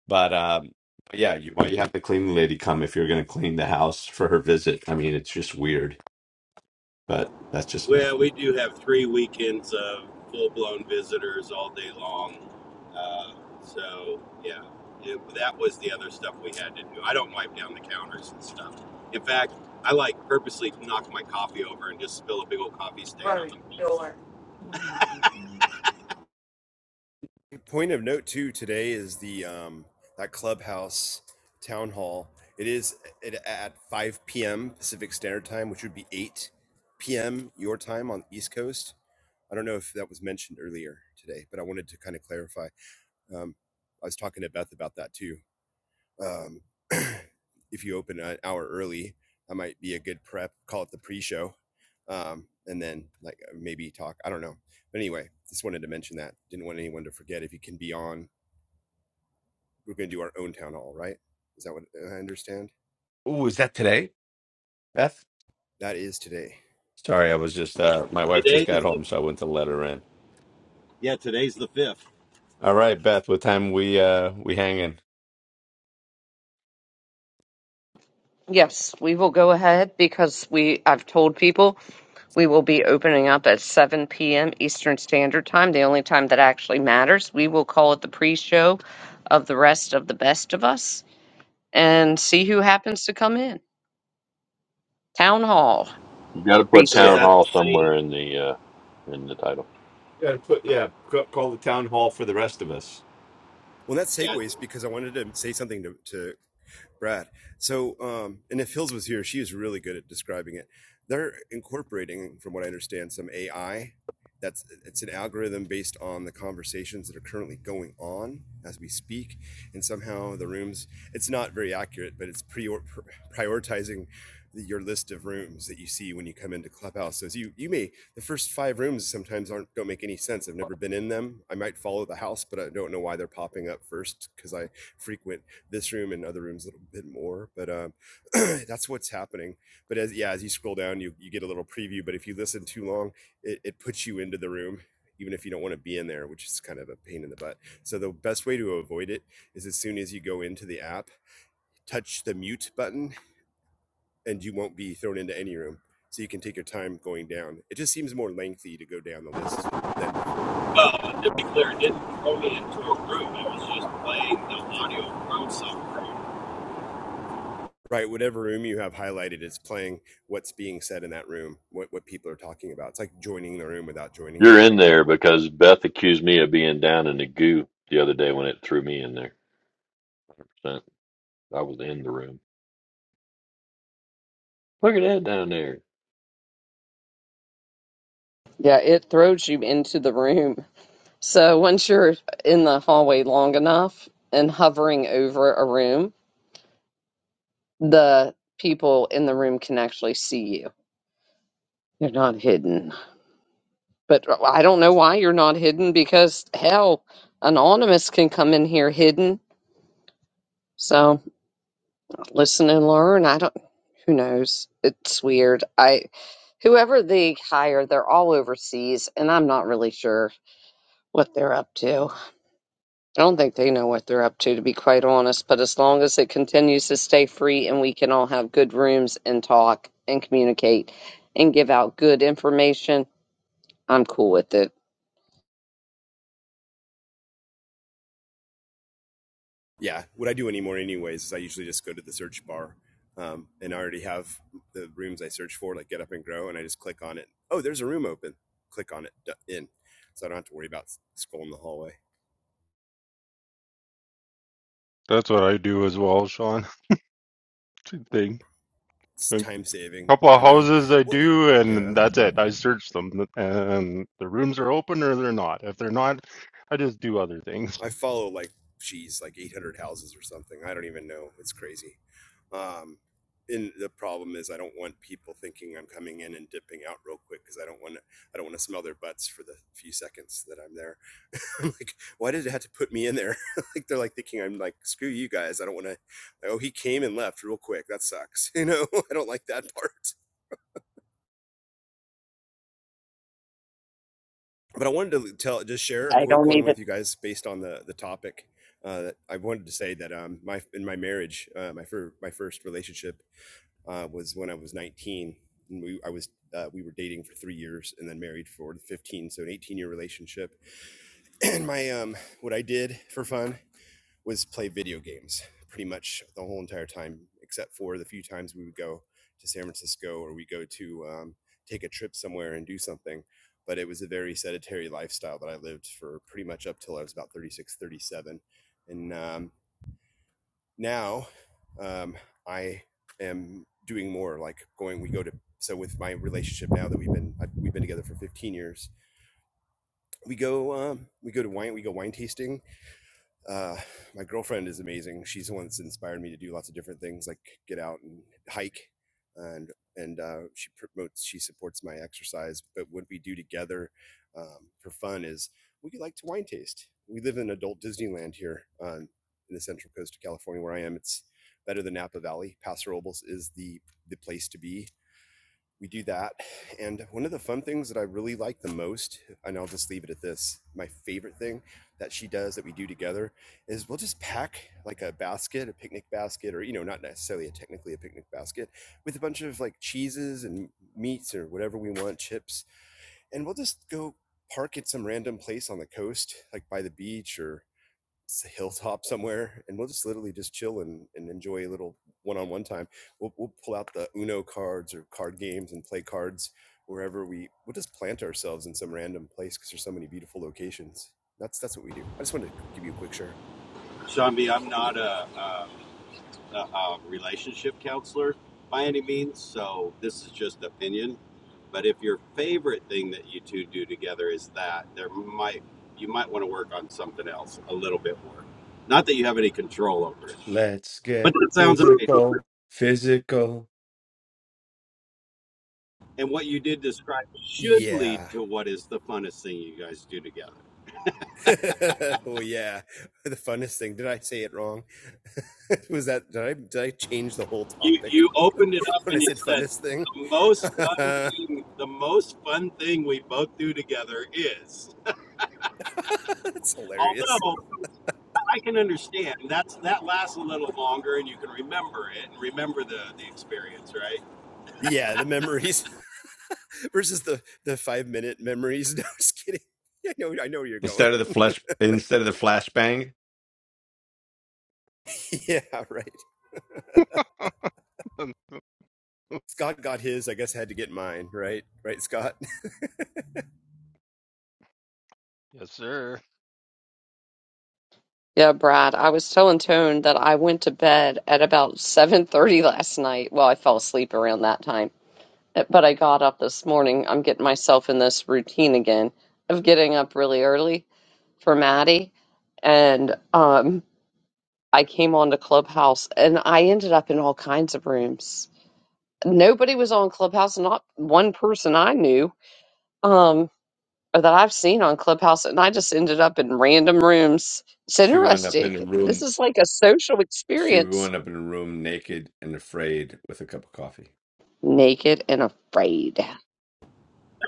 but um, but yeah, you well, you have the cleaning lady come if you're going to clean the house for her visit. I mean, it's just weird, but that's just me. Well, we do have three weekends of full blown visitors all day long. Uh, so yeah, it, that was the other stuff we had to do. I don't wipe down the counters and stuff. In fact, I like purposely knock my coffee over and just spill a big old coffee stain on Right. them. Sure. Point of note too today is the um, that clubhouse town hall. It is at, at 5 p.m. Pacific Standard Time, which would be 8 p.m. your time on the East Coast. I don't know if that was mentioned earlier today, but I wanted to kind of clarify. Um, I was talking to Beth about that too. Um, if you open an hour early, that might be a good prep. Call it the pre-show, um, and then like maybe talk. I don't know. But anyway, just wanted to mention that. Didn't want anyone to forget. If you can be on we're going to do our own town hall, right? Is that what uh, I understand? Ooh, is that today, Beth? That is today. Sorry, I was just uh, my wife just Today got is the home, so I went to let her in. yeah, today's the fifth. All right, Beth, what time we uh we hanging? Yes, we will go ahead because we I've told people We will be opening up at 7 p.m. Eastern Standard Time, the only time that actually matters. We will call it the pre show of the rest of the best of us and see who happens to come in. Town Hall You got to pre put So is show. town that the hall somewhere same? in the uh, in the title. Yeah, put, yeah. c- Call the town hall for the rest of us. Well, that Yeah. segues because I wanted to say something to, to Brad. So, um, and if Hills was here, she is really good at describing it. They're incorporating, from what I understand, some AI. That's it's an algorithm based on the conversations that are currently going on as we speak, and somehow the rooms. It's not very accurate, but it's prior, prioritizing the, your list of rooms that you see when you come into Clubhouse. So you you may the first five rooms sometimes aren't don't make any sense. I've never been in them. I might follow the house, but I don't know why they're popping up first because I frequent this room and other rooms a little bit more but um that's what's happening but as yeah as you scroll down you, you get a little preview but if you listen too long it, it puts you into the room even if you don't want to be in there which is kind of a pain in the butt so the best way to avoid it is as soon as you go into the app touch the mute button and you won't be thrown into any room so you can take your time going down it just seems more lengthy to go down the list than before Well, and to be clear, it didn't throw me into a room. It was just playing the audio from somewhere. Right, whatever room you have highlighted, it's playing what's being said in that room, what what people are talking about. It's like joining the room without joining You're it. in there because Beth accused me of being down in the goo the other day when it threw me in there. So I was in the room. Look at that down there. Yeah, it throws you into the room. So once you're in the hallway long enough and hovering over a room, the people in the room can actually see you. You're not hidden. But I don't know why you're not hidden because hell, anonymous can come in here hidden. So listen and learn. I don't. Who knows? It's weird. I, whoever they hire, they're all overseas, and I'm not really sure what they're up to. I don't think they know what they're up to, to be quite honest. But as long as it continues to stay free and we can all have good rooms and talk and communicate and give out good information, I'm cool with it. Yeah, what I do anymore, anyways, is I usually just go to the search bar, um, and I already have the rooms I search for, like Get Up and Grow, and I just click on it. Oh, there's a room open. Click on it in, so I don't have to worry about scrolling the hallway. That's what I do as well, Sean. Same thing. It's A time saving. couple of I know. houses I Well, do, yeah. and that's it. I search them, and the rooms are open or they're not. If they're not, I just do other things. I follow like geez, like 800 houses or something. I don't even know. It's crazy. Um, and the problem is, I don't want people thinking I'm coming in and dipping out real quick because I don't want to. I don't want to smell their butts for the few seconds that I'm there. I'm like, why did it have to put me in there? like they're like thinking I'm like, screw you guys. I don't want to. like, oh, he came and left real quick. That sucks. You know, I don't like that part. but I wanted to tell, just share a I quick don't one even. with you guys based on the the topic. Uh, that I wanted to say that um, my in my marriage, uh, my first my first relationship uh, was when I was 19, and we I was uh, we were dating for three years and then married for 15, so an 18 year relationship. And my um, what I did for fun was play video games pretty much the whole entire time, except for the few times we would go to San Francisco or we go to um, take a trip somewhere and do something. But it was a very sedentary lifestyle that I lived for pretty much up till I was about 36, 37. And um, now um, I am doing more like going, we go to, so with my relationship now that we've been, we've been together for 15 years, we go, um, we go to wine, we go wine tasting uh, my girlfriend is amazing. She's the one that's inspired me to do lots of different things, like get out and hike, and and uh, she promotes, she supports my exercise. But what we do together um, for fun is we like to wine taste. We live in adult Disneyland here on in the Central Coast of California, where I am. It's better than Napa Valley. Paso Robles is the the place to be we do that. And one of the fun things that I really like the most, and I'll just leave it at this my favorite thing that she does that we do together is we'll just pack like a basket, a picnic basket, or, you know, not necessarily a technically a picnic basket with a bunch of like cheeses and meats or whatever we want, chips. And we'll just go park at some random place on the coast, like by the beach or s- hilltop somewhere and we'll just literally just chill and, and enjoy a little one-on-one time we'll, we'll pull out the uno cards or card games and play cards wherever we we'll just plant ourselves in some random place because there's so many beautiful locations that's that's what we do i just wanted to give you a quick share Shambi, I'm not a, um, a, a relationship counselor by any means, so this is just opinion. But if your favorite thing that you two do together is that, there might you might want to work on something else a little bit more. Not that you have any control over it, Let's but get that sounds amazing. physical, physical. And what you did describe should lead yeah to what is the funnest thing you guys do together. well yeah the funnest thing did i say it wrong was that did i did i change the whole you topic you opened it up when I and you said said funnest thing. the most fun That's thing the most fun thing we both do together is hilarious. although i can understand that's that lasts a little longer and you can remember it and remember the the experience right Yeah, the memories versus the the five minute memories. No, just kidding. Yeah, I know, I know where you're going. Instead of the flesh, instead of the flashbang, yeah, right. yes, Scott got his. I guess I had to get mine. Right, right, Scott. sir. Yeah, Brad, I was telling Tone that I went to bed at about 7:30 last night. Well, I fell asleep around that time. eh, But I got up this morning. I'm getting myself in this routine again of getting up really early for Maddie. And um I came on to Clubhouse and I ended up in all kinds of rooms. Nobody was on Clubhouse, not one person I knew. Um or that I've seen on Clubhouse, and I just ended up in random rooms. It's she wound up interesting. in the room This is like a social She experience. wound up in a room naked and afraid with a cup of coffee. Naked and afraid.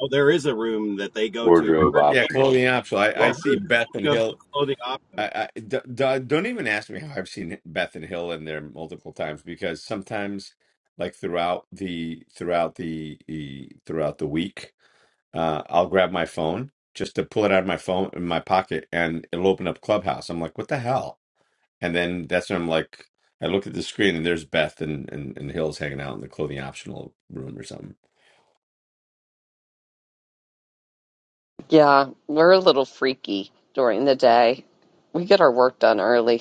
oh there is a room that they go to Wardrobe Her- Yeah, optional clothing optional. I, I yeah coffee. see her Beth and goes Hill. to clothing optional I, I d- d- don't even ask me how I've seen Beth and Hill in there multiple times because sometimes, like throughout the throughout the, the throughout the week, uh, I'll grab my phone just to pull it out of my phone in my pocket, and it'll open up Clubhouse. I'm like, what the hell? And then that's when I'm like, I look at the screen and there's Beth and and, and Hill's hanging out in the clothing optional room or something. Yeah, we're a little freaky during the day. We get our work done early.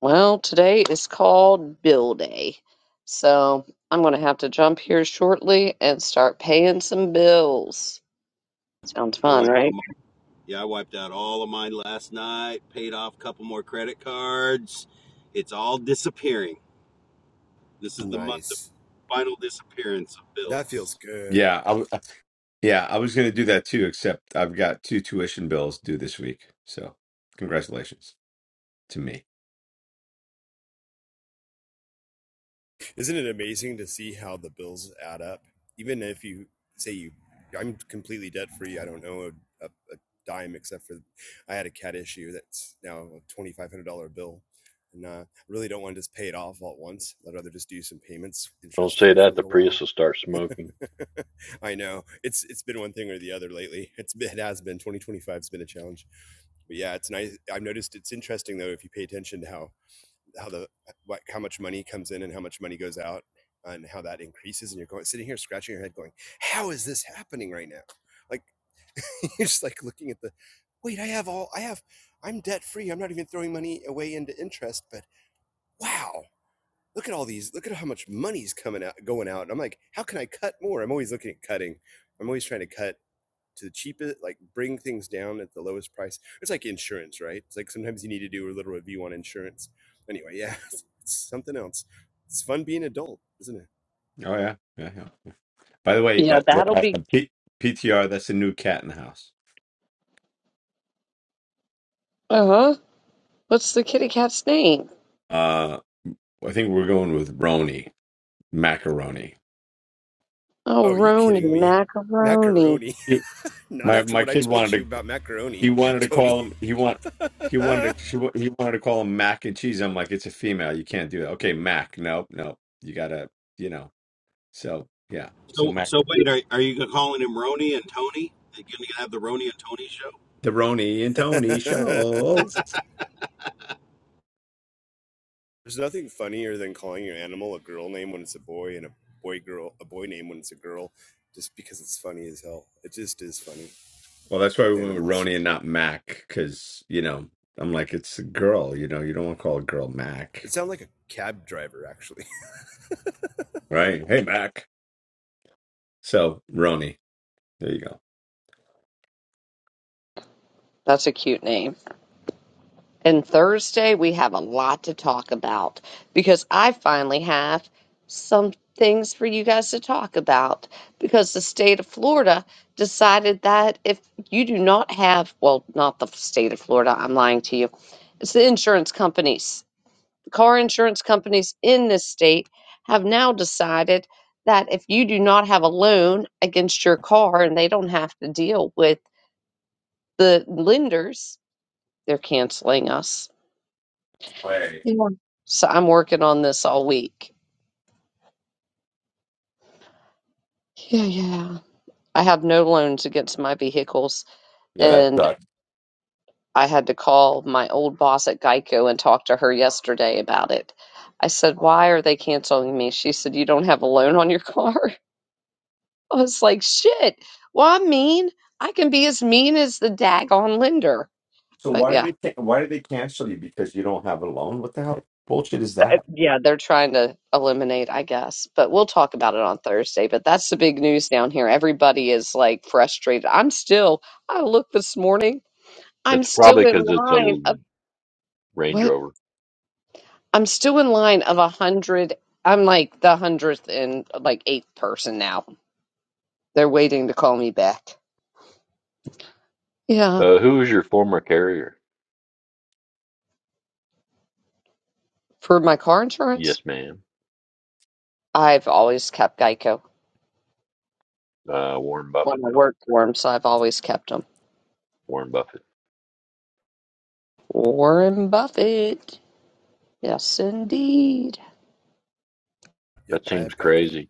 Well, today is called Bill Day. So I'm going to have to jump here shortly and start paying some bills. Sounds i fun, wiped all right? my, yeah i wiped out all of mine last night paid off a couple more credit cards it's all disappearing this is the month of nice. final disappearance of That bills feels good. Yeah, I, w- yeah, I was going to do that too, except I've got two tuition bills due this week. So, congratulations to me. Isn't it amazing to see how the bills add up? Even if you say you, I'm completely debt free. I don't know a, a, a dime except for I had a cat issue that's now a twenty five hundred dollar bill, and uh, I really don't want to just pay it off all at once. I'd rather just do some payments Don't interest say free for a that. The little Prius while. will start smoking. I know it's it's been one thing or the other lately. It's been, it has been twenty twenty five has been a challenge, but yeah, it's nice. I've noticed it's interesting though if you pay attention to how how the what how much money comes in and how much money goes out and how that increases and you're going sitting here scratching your head going how is this happening right now like you're just like looking at the wait i have all i have i'm debt free i'm not even throwing money away into interest but wow look at all these look at how much money's coming out going out and i'm like how can i cut more i'm always looking at cutting i'm always trying to cut to the cheapest, like bring things down at the lowest price. It's like insurance, right? It's like sometimes you need to do a little review on insurance. Anyway, yeah, it's, it's something else. It's fun being adult, isn't it? Oh yeah, yeah, yeah. yeah. By the way, Yeah, that yeah, that'll I- be. I- P- PTR, that's a new cat in the house. Uh huh. What's the kitty Oh, cat's name? Uh, I think we're going with Roni macaroni. Oh, oh, are you Roni, kidding me? macaroni. Macaroni. You- Not My after my what I kid wanted told you to about macaroni, he wanted to Tony. call him he want he wanted to she, wa- he wanted to call him mac and cheese. I'm like, it's a female, you can't do that. Okay, mac, nope, nope. You gotta, you know. So yeah, so So, mac. so wait, are, are you calling him Rony and Tony? Are you going to have the Rony and Tony show? The Roni and Tony There's show. nothing funnier than calling your animal a girl name when it's a boy and a boy girl a boy name when it's a girl, just because it's funny as hell. It just is funny Well, that's why with we went with animals. Roni and not Mac, because, you know, I'm like, it's a girl, you know, you don't want to call a girl It Mac, sounds like a cab driver, actually. right? Hey, Mac. So, Roni. There you go. That's a cute name. And Thursday, we have a lot to talk about because I finally have some things for you guys to talk about because the state of Florida decided that if you do not have, well, not the state of Florida, I'm lying to you, it's the insurance companies. The car insurance companies in this state have now decided that if you do not have a loan against your car and they don't have to deal with the lenders, they're canceling us Way. Yeah. So I'm working on this all week. Yeah, yeah. I have no loans against my vehicles, Yeah, that and sucks. I had to call my old boss at Geico and talk to her yesterday about it. I said, Why are they canceling me? She said, You don't have a loan on your car. I was like, Shit. Well, I'm mean. I can be as mean as the daggone lender. So But why did yeah. they ca- why did they cancel you? Because you don't have a loan? What the hell bullshit is uh, that? yeah, they're trying to eliminate, I guess. But we'll talk about it on Thursday. But that's the big news down here. Everybody is like frustrated. I'm still, I looked this morning, I'm It's still probably in because it's a line l- of Range what? Rover. I'm still in line of a hundred. I'm like the hundredth and like eighth person now. They're waiting to call me back. Yeah. Uh, who is your former carrier? For my car Yes, insurance, ma'am. I've always kept Geico Uh, Warren Buffett. when I worked for them, so I've always kept them. Warren Buffett. Warren Buffett. Yes, indeed. Yep, That I seems have Geico. crazy.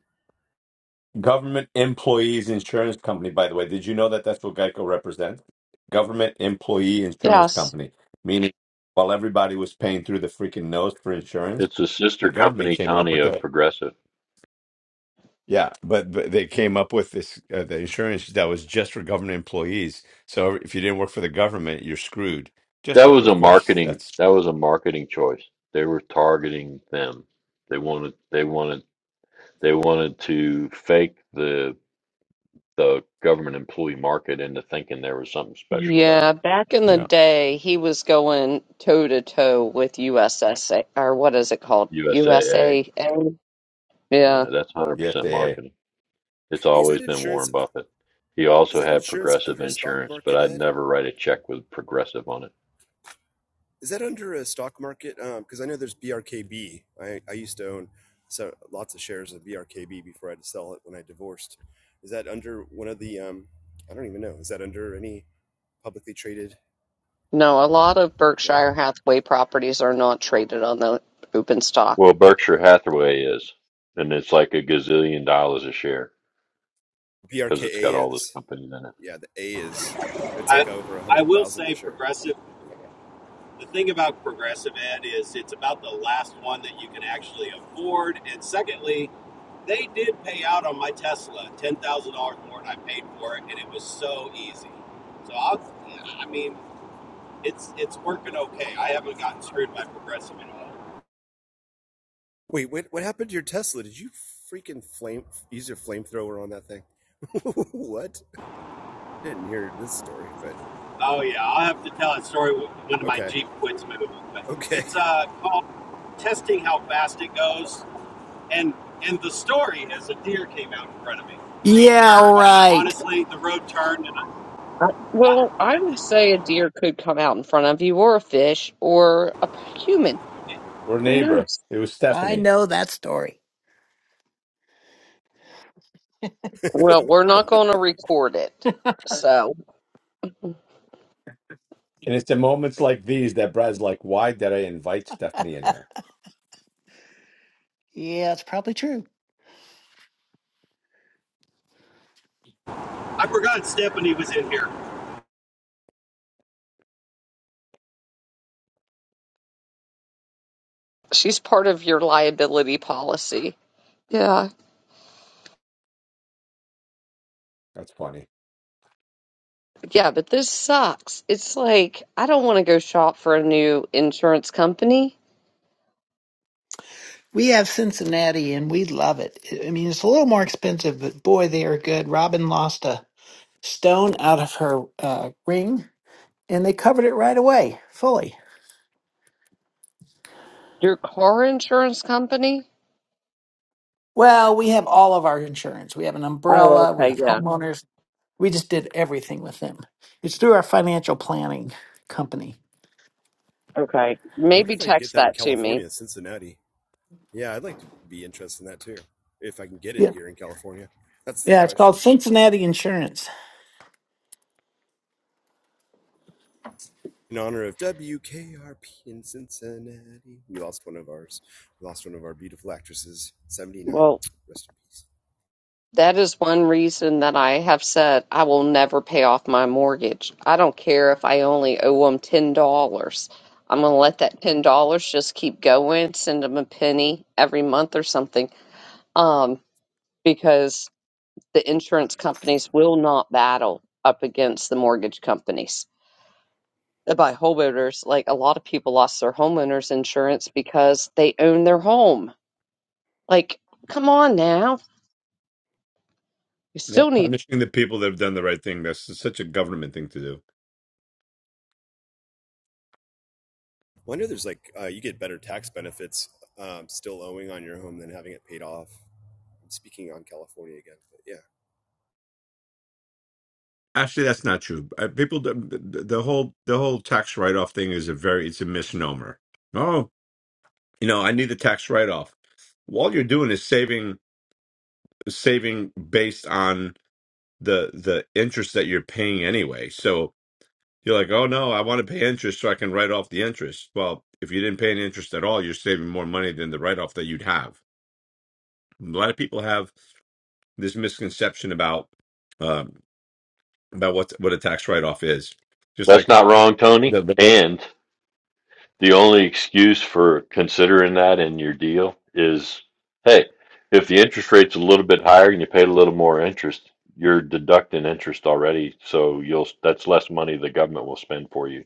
Government employees insurance company, by the way. Did you know that that's what Geico represents? Government employee insurance Yes. company. Meaning, while everybody was paying through the freaking nose for insurance, It's a the sister government company, came up Tony, with of that. Progressive. Yeah, but, but they came up with this uh, the insurance that was just for government employees. So if you didn't work for the government, you're screwed. Just That like, was of a course, marketing that's that was a marketing choice. They were targeting them. They wanted they wanted they wanted to fake the the government employee market into thinking there was something special about Yeah, it. back in the yeah, day, he was going toe to toe with USSA, or what is it called? USAA. USA. Yeah. Yeah, that's one hundred the percent SAA. marketing. It's Is that always been insurance? Warren Buffett. He Is also that had insurance progressive under a stock insurance, but market, I'd Ed? never write a check with progressive on it. Is that under a stock market? Because I know there's BRKB. I, I used to own so lots of shares of BRKB before I had to sell it when I divorced. Is that under one of the? Um, I don't even know. Is that under any publicly traded? No, a lot of No. Berkshire Hathaway properties are not traded on the open stock. Well, Berkshire Hathaway is, and it's like a gazillion dollars a share because it's got BRKA all those is. companies in it. Yeah, the A is. It's I like over a I hundred will thousand say a share. progressive. Yeah. The thing about progressive ed is it's about the last one that you can actually afford. And secondly, they did pay out on my Tesla ten thousand dollars more than I paid for it, and it was so easy. So I, I mean, it's it's working okay. I haven't gotten screwed by progressive at all. Wait, what, what happened to your Tesla? Did you freaking flame use your flamethrower on that thing? what? didn't hear this story, but Oh yeah, I'll have to tell a story with one of my okay. Jeep quits moving. But Okay. it's uh, called testing how fast it goes, and and the story is a deer came out in front of me. yeah, But right. honestly, the road turned, and I, I- Well, I would say a deer could come out in front of you, or a fish, or a p- human. We're a Who neighbor. knows? It was I Stephanie, know that story. I Well, we're not going to record it. So and it's the moments like these that Brad's like, "Why did I invite Stephanie in here?" Yeah, it's probably true. I forgot Stephanie was in here. she's part of your liability policy. Yeah, That's funny. Yeah, but this sucks. It's like I don't want to go shop for a new insurance company. We have Cincinnati and we love it. I I mean, it's a little more expensive, but boy, they are good. Robin lost a stone out of her uh, ring and they covered it right away, fully. Your car insurance company? Well, we have all of our insurance. We have an Oh, umbrella, we okay, have yeah. homeowners. We just did everything with them. It's through our financial planning company. Okay. wonder Maybe if I can get text that in that to me. California, Cincinnati. Yeah, I'd like to be interested in that too. If I can get it Yeah. here in California. That's the Yeah, it's called question. Cincinnati Insurance. In honor of WKRP in Cincinnati. We lost one of ours. We lost one of our beautiful actresses, 79. Well, Rest in peace. that is one reason that I have said I will never pay off my mortgage. I don't care if I only owe them $10. I'm going to let that $10 just keep going, send them a penny every month or something. Um, because the insurance companies will not battle up against the mortgage companies Uh, by homeowners. Like a lot of people lost their homeowners insurance because they own their home. Like, come on now. You Yeah, still need, punishing the people that have done the right thing. That's such a government thing to do. Well, I know there's like, uh, you get better tax benefits um, still owing on your home than having it paid off. I'm speaking on California again, but yeah. Actually, that's not true. Uh, People, the, the the whole the whole tax write off thing is a very it's a misnomer. Oh, you know, I need the tax write off. Well, all you're doing is saving saving based on the the interest that you're paying anyway. So you're like, oh no, I want to pay interest so I can write off the interest. Well, if you didn't pay any interest at all, you're saving more money than the write off that you'd have. A lot of people have this misconception about um, about what what a tax write off is. Just That's like not wrong, Tony. the, the most, And The only excuse for considering that in your deal is, hey, if the interest rate's a little bit higher and you paid a little more interest, you're deducting interest already, so you'll that's less money the government will spend for you.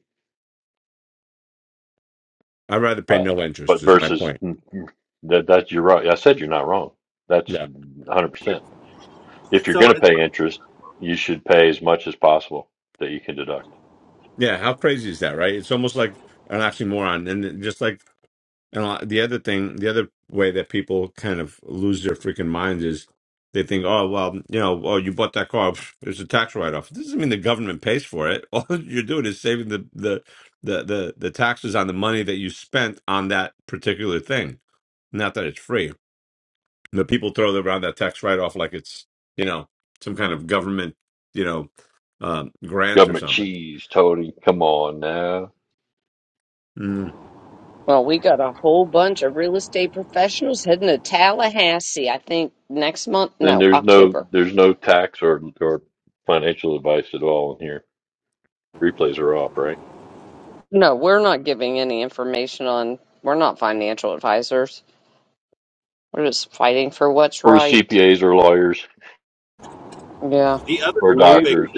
I'd rather pay But no interest. but Is my versus point. mm, mm, that that you're right. I said you're not wrong. That's Yeah, 100%. If you're So going to pay interest, you should pay as much as possible that you can deduct. yeah. How crazy is that, right? It's almost like an oxymoron, and it- just like and a lot- the other thing, the other way that people kind of lose their freaking minds is they think, oh well, you know, oh you bought that car, pff, it's a tax write off. It doesn't mean the government pays for it. All you're doing is saving the the the the, the taxes on the money that you spent on that particular thing Not that it's free, but people throw around that tax write off like it's, you know, some kind of government, you know, um, grant or Government something. cheese, Tony. Come on now. Mm. well, we got a whole bunch of real estate professionals heading to Tallahassee, I think next month. Then No, there's no October. there's no tax or or financial advice at all in here. Replays are off, right? No, we're not giving any information on, we're not financial advisors. We're just fighting for what's Or right. CPAs or lawyers Yeah. the other or Nope. topic, doctors.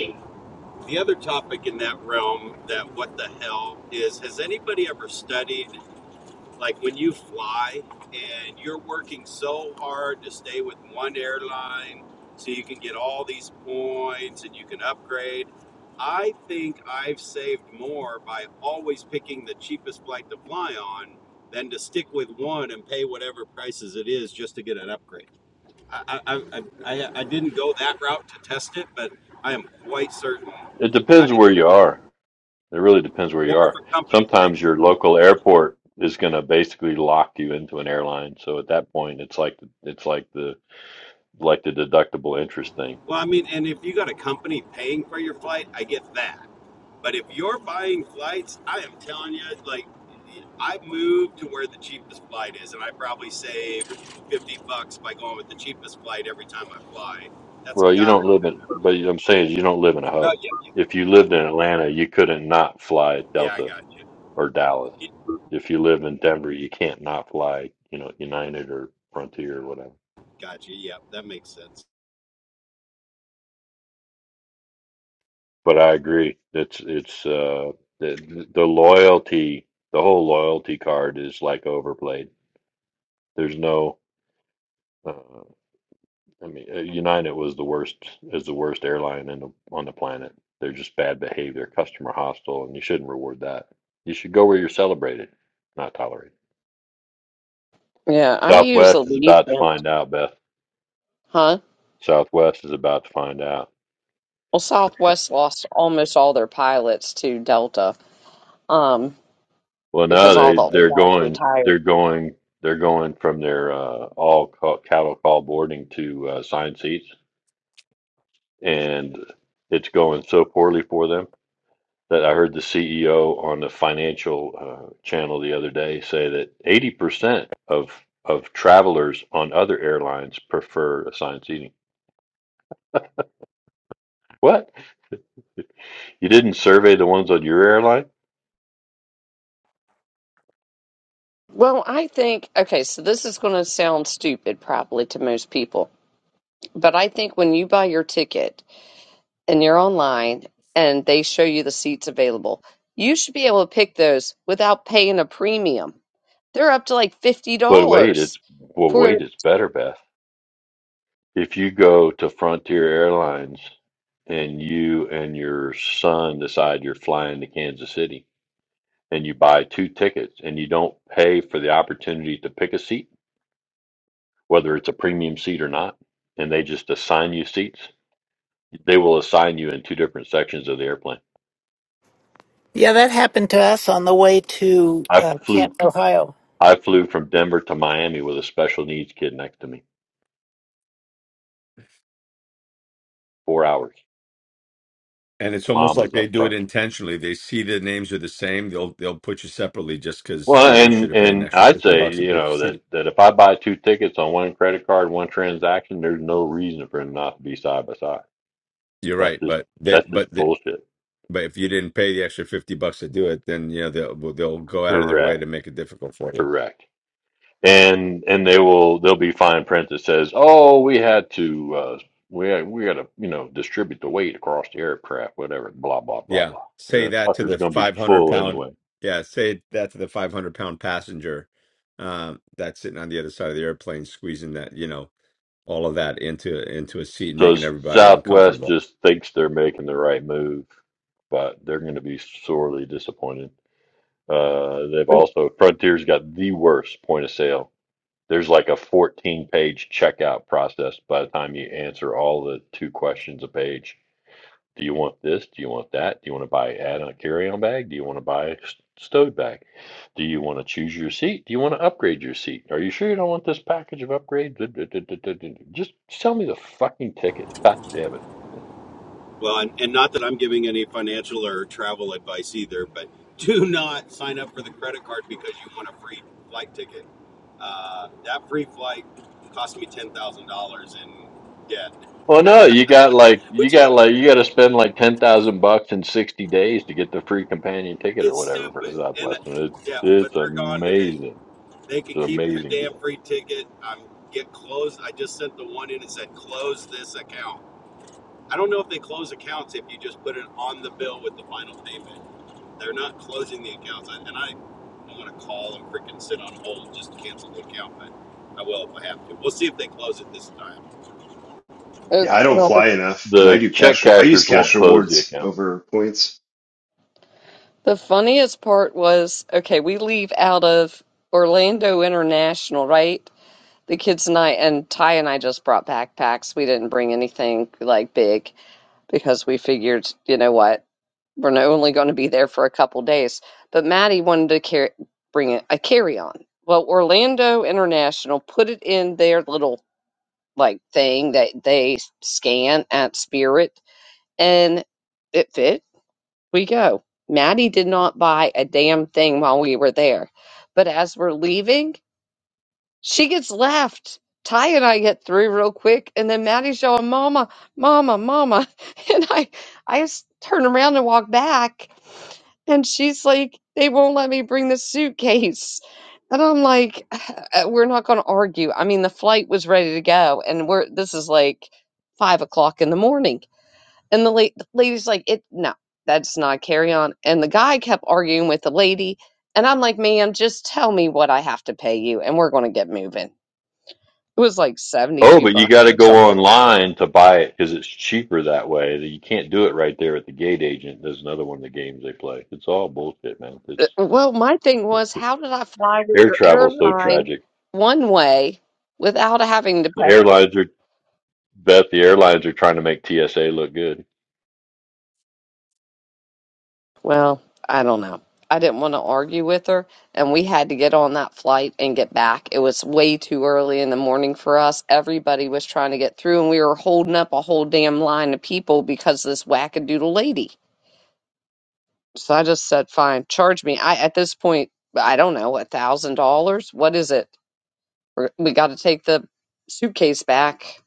the other topic in that realm, that what the hell is? Has anybody ever studied like when you fly and you're working so hard to stay with one airline so you can get all these points and you can upgrade i think i've saved more by always picking the cheapest flight to fly on than to stick with one and pay whatever prices it is just to get an upgrade i i i, I, I didn't go that route to test it but i am quite certain It I, depends where you are. It really depends where or you if are. a company's paying Sometimes your local airport is going to basically lock you into an airline. So at that point, it's like it's like the like the deductible interest thing. well i mean and if you got a company paying for your flight i get that But if you're buying flights, I am telling you, like, I moved to where the cheapest flight is, and I probably save 50 bucks by going with the cheapest flight every time I fly. That's Well, you got don't it. live in, but I'm saying is you don't live in a No, hub. yeah, If you lived in Atlanta, you couldn't not fly yeah, I Delta got you. or Dallas. It- If you live in Denver, you can't not fly, you know, United or Frontier or whatever. Got you. Yeah, that makes sense. But I agree. It's it's uh the the loyalty, the whole loyalty card is like overplayed. There's no uh, I mean, uh, United was the worst is the worst airline in the, on the planet. They're just bad behavior, customer hostile, and you shouldn't reward that. You should go where you're celebrated, not tolerated. Yeah, I use a Southwest is lead about to gen, find out, Beth. huh? Southwest is about to find out. Well, Southwest lost almost all their pilots to Delta um, Well, because no, all they the old they're guys going retired. they're going they're going from their uh, all call, cattle call boarding to uh, sign seats, and it's going so poorly for them that I heard the CEO on the financial uh, channel the other day say that 80% of of travelers on other airlines prefer assigned seating. What? You didn't survey the ones on your airline? Well, I think, okay, so this is going to sound stupid probably to most people, but I think when you buy your ticket and you're online and they show you the seats available, you should be able to pick those without paying a premium. They're up to like $50 But wait, it's well, wait, for it's better, Beth. If you go to Frontier Airlines and you and your son decide you're flying to Kansas City and you buy two tickets and you don't pay for the opportunity to pick a seat, whether it's a premium seat or not, and they just assign you seats, they will assign you in two different sections of the airplane. Yeah, that happened to us on the way to I uh, flew Canton, Ohio. I flew from Denver to Miami with a special needs kid next to me. Four hours. And it's almost Mom like was they up do it front. intentionally. They see the names are the same. They'll they'll put you separately just because you Well, know you should and have paid an and extra I fifty say, bucks to you pick your know, seat. that that if I buy two tickets on one credit card, one transaction, there's no reason for them not to be side by side. You're That's right, just but then that's but just the, bullshit. but if you didn't pay the extra fifty bucks to do it, then you know they'll they'll go out of their way Correct, to make it difficult for you. correct. And and they will there'll be fine print that says, oh, we had to uh, we had, we had to you know distribute the weight across the aircraft, whatever, blah blah blah Yeah. blah. Say The that to fucker's the gonna be 500 full pound. anyway. Yeah. Say that to the 500 pound passenger um, that's sitting on the other side of the airplane, squeezing that, you know, all of that into into a seat, So making S- everybody Southwest uncomfortable. just thinks they're making the right move, but they're going to be sorely disappointed. Uh, they've also Frontier's got the worst point of sale. There's like a 14 page checkout process by the time you answer all the two questions a page. Do you want this? Do you want that? Do you want to buy add on a carry on bag? Do you want to buy a stowed bag? Do you want to choose your seat? Do you want to upgrade your seat? Are you sure you don't want this package of upgrades? Just sell me the fucking ticket. God damn it. Well, and, and not that I'm giving any financial or travel advice either, but do not sign up for the credit card because you want a free flight ticket. Uh, that free flight cost me $10,000 in debt, Well, no, you got like you which is got like you got to spend like ten thousand bucks in sixty days to get the free companion ticket or It's whatever for the stupid. And uh, Southwestern. It, yeah, but it's they're gone today. amazing. They It's can an keep their amazing damn deal. free ticket. Um, get closed. I just sent the one in and said close this account. I don't know if they close accounts if you just put it on the bill with the final payment. They're not closing the accounts, I- and I don't want to call and freaking sit on hold just to cancel the account, but I will if I have to. We'll see if they close it this time. uh, Yeah, I don't well, the, fly enough, and I The do check cash. I use cashers won't cash close the rewards account. over points. the funniest part was okay, we leave out of Orlando International, right? The kids and I and Ty and I just brought backpacks. We didn't bring anything like big because we figured, you know what, we're not only going to be there for a couple days. But Maddie wanted to carry, bring a, a carry on. Well, Orlando International put it in their little like thing that they scan at Spirit, and it fit. We go. Maddie did not buy a damn thing while we were there. But as we're leaving, she gets left. Ty and I get through real quick, and then Maddie's yelling, "Mama, Mama, Mama!" And I, I s- turn around and walk back, and she's like, "They won't let me bring the suitcase." And I'm like, "We're not going to argue." I mean, the flight was ready to go, and we're this is like five o'clock in the morning, and the, la- the lady's like, "It no, that's not carry on." And the guy kept arguing with the lady, and I'm like, "Ma'am, just tell me what I have to pay you, and we're going to get moving." It was like Oh, 72 but you bucks got to or go something. online to buy it because it's cheaper that way. You can't do it right there at the gate agent. There's another one of the games they play. It's all bullshit, man. It's Uh, Well, my thing was, how did I fly with air your travel's so airline tragic. one way without having to The pay? airlines are bet the airlines are trying to make TSA look good. Well, I don't know. I didn't want to argue with her, and we had to get on that flight and get back. It was way too early in the morning for us. Everybody was trying to get through, and we were holding up a whole damn line of people because of this wackadoodle lady. So I just said, fine, charge me. I at this point, I don't know, a thousand dollars? What is it? We're, we got to take the suitcase back.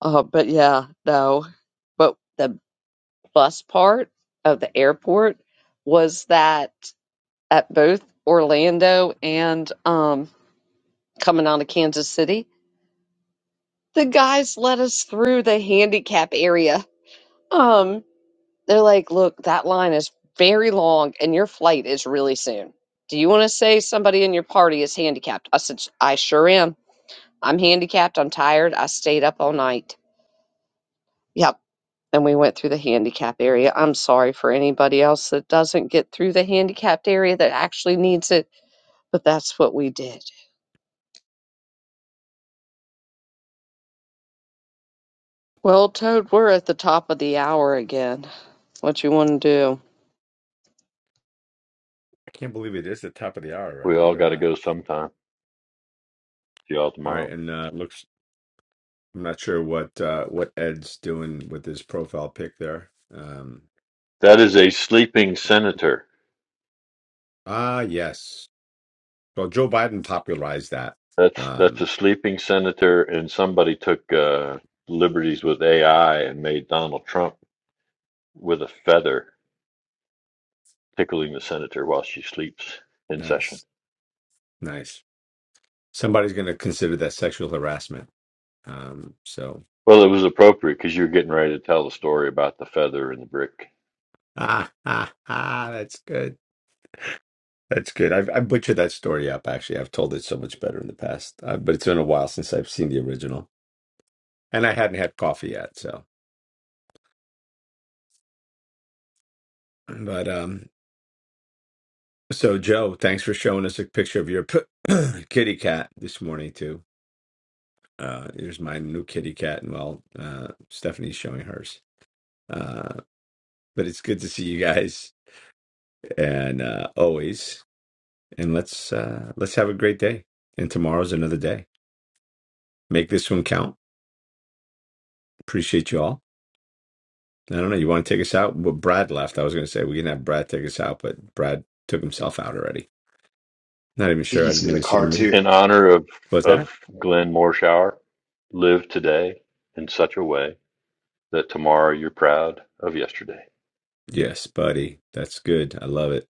Uh, but yeah, no. But the bus part of the airport was that at both Orlando and um, coming on to Kansas City, the guys let us through the handicap area. Um, they're like, look, that line is very long and your flight is really soon. Do you want to say somebody in your party is handicapped? I said, I sure am. I'm handicapped. I'm tired. I stayed up all night. Yeah, and we went through the handicap area. I'm sorry for anybody else that doesn't get through the handicapped area that actually needs it, but that's what we did. Well, Toad, we're at the top of the hour again. What you want to do? I can't believe it is the top of the hour We already. Look all at got to that. go sometime. See y'all All tomorrow. right. And uh, looks, I'm not sure what uh, what Ed's doing with his profile pic there. Um, That is a sleeping senator. ah, yes. Well, Joe Biden popularized that. That's that's a Um, sleeping senator, and somebody took uh, liberties with AI and made Donald Trump with a feather tickling the senator while she sleeps in session. nice. Nice. Somebody's going to consider that sexual harassment. Um, so Well, it was appropriate because you're getting ready to tell the story about the feather and the brick ah ah ah, that's good. That's good. I've I butchered that story up actually. I've told it so much better in the past, uh, but it's been a while since I've seen the original, and I hadn't had coffee yet. So, but um, so Joe, thanks for showing us a picture of your kitty cat this morning too. Uh, here's my new kitty cat, and well, uh, Stephanie's showing hers. Uh, but it's good to see you guys, and uh, always. And let's uh, let's have a great day. And tomorrow's another day. Make this one count Appreciate you all. I don't know. You want to take us out? Well, Brad left. I was going to say we can have Brad take us out, but Brad took himself out already. Not even I think sure. I he's didn't in the even see car him. too. in honor of What's that? of Glenn Morshower. Live today in such a way that tomorrow you're proud of yesterday. Yes, buddy. That's good. I love it.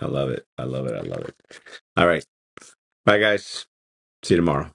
I love it. I love it. I love it. All right. Bye, guys. See you tomorrow.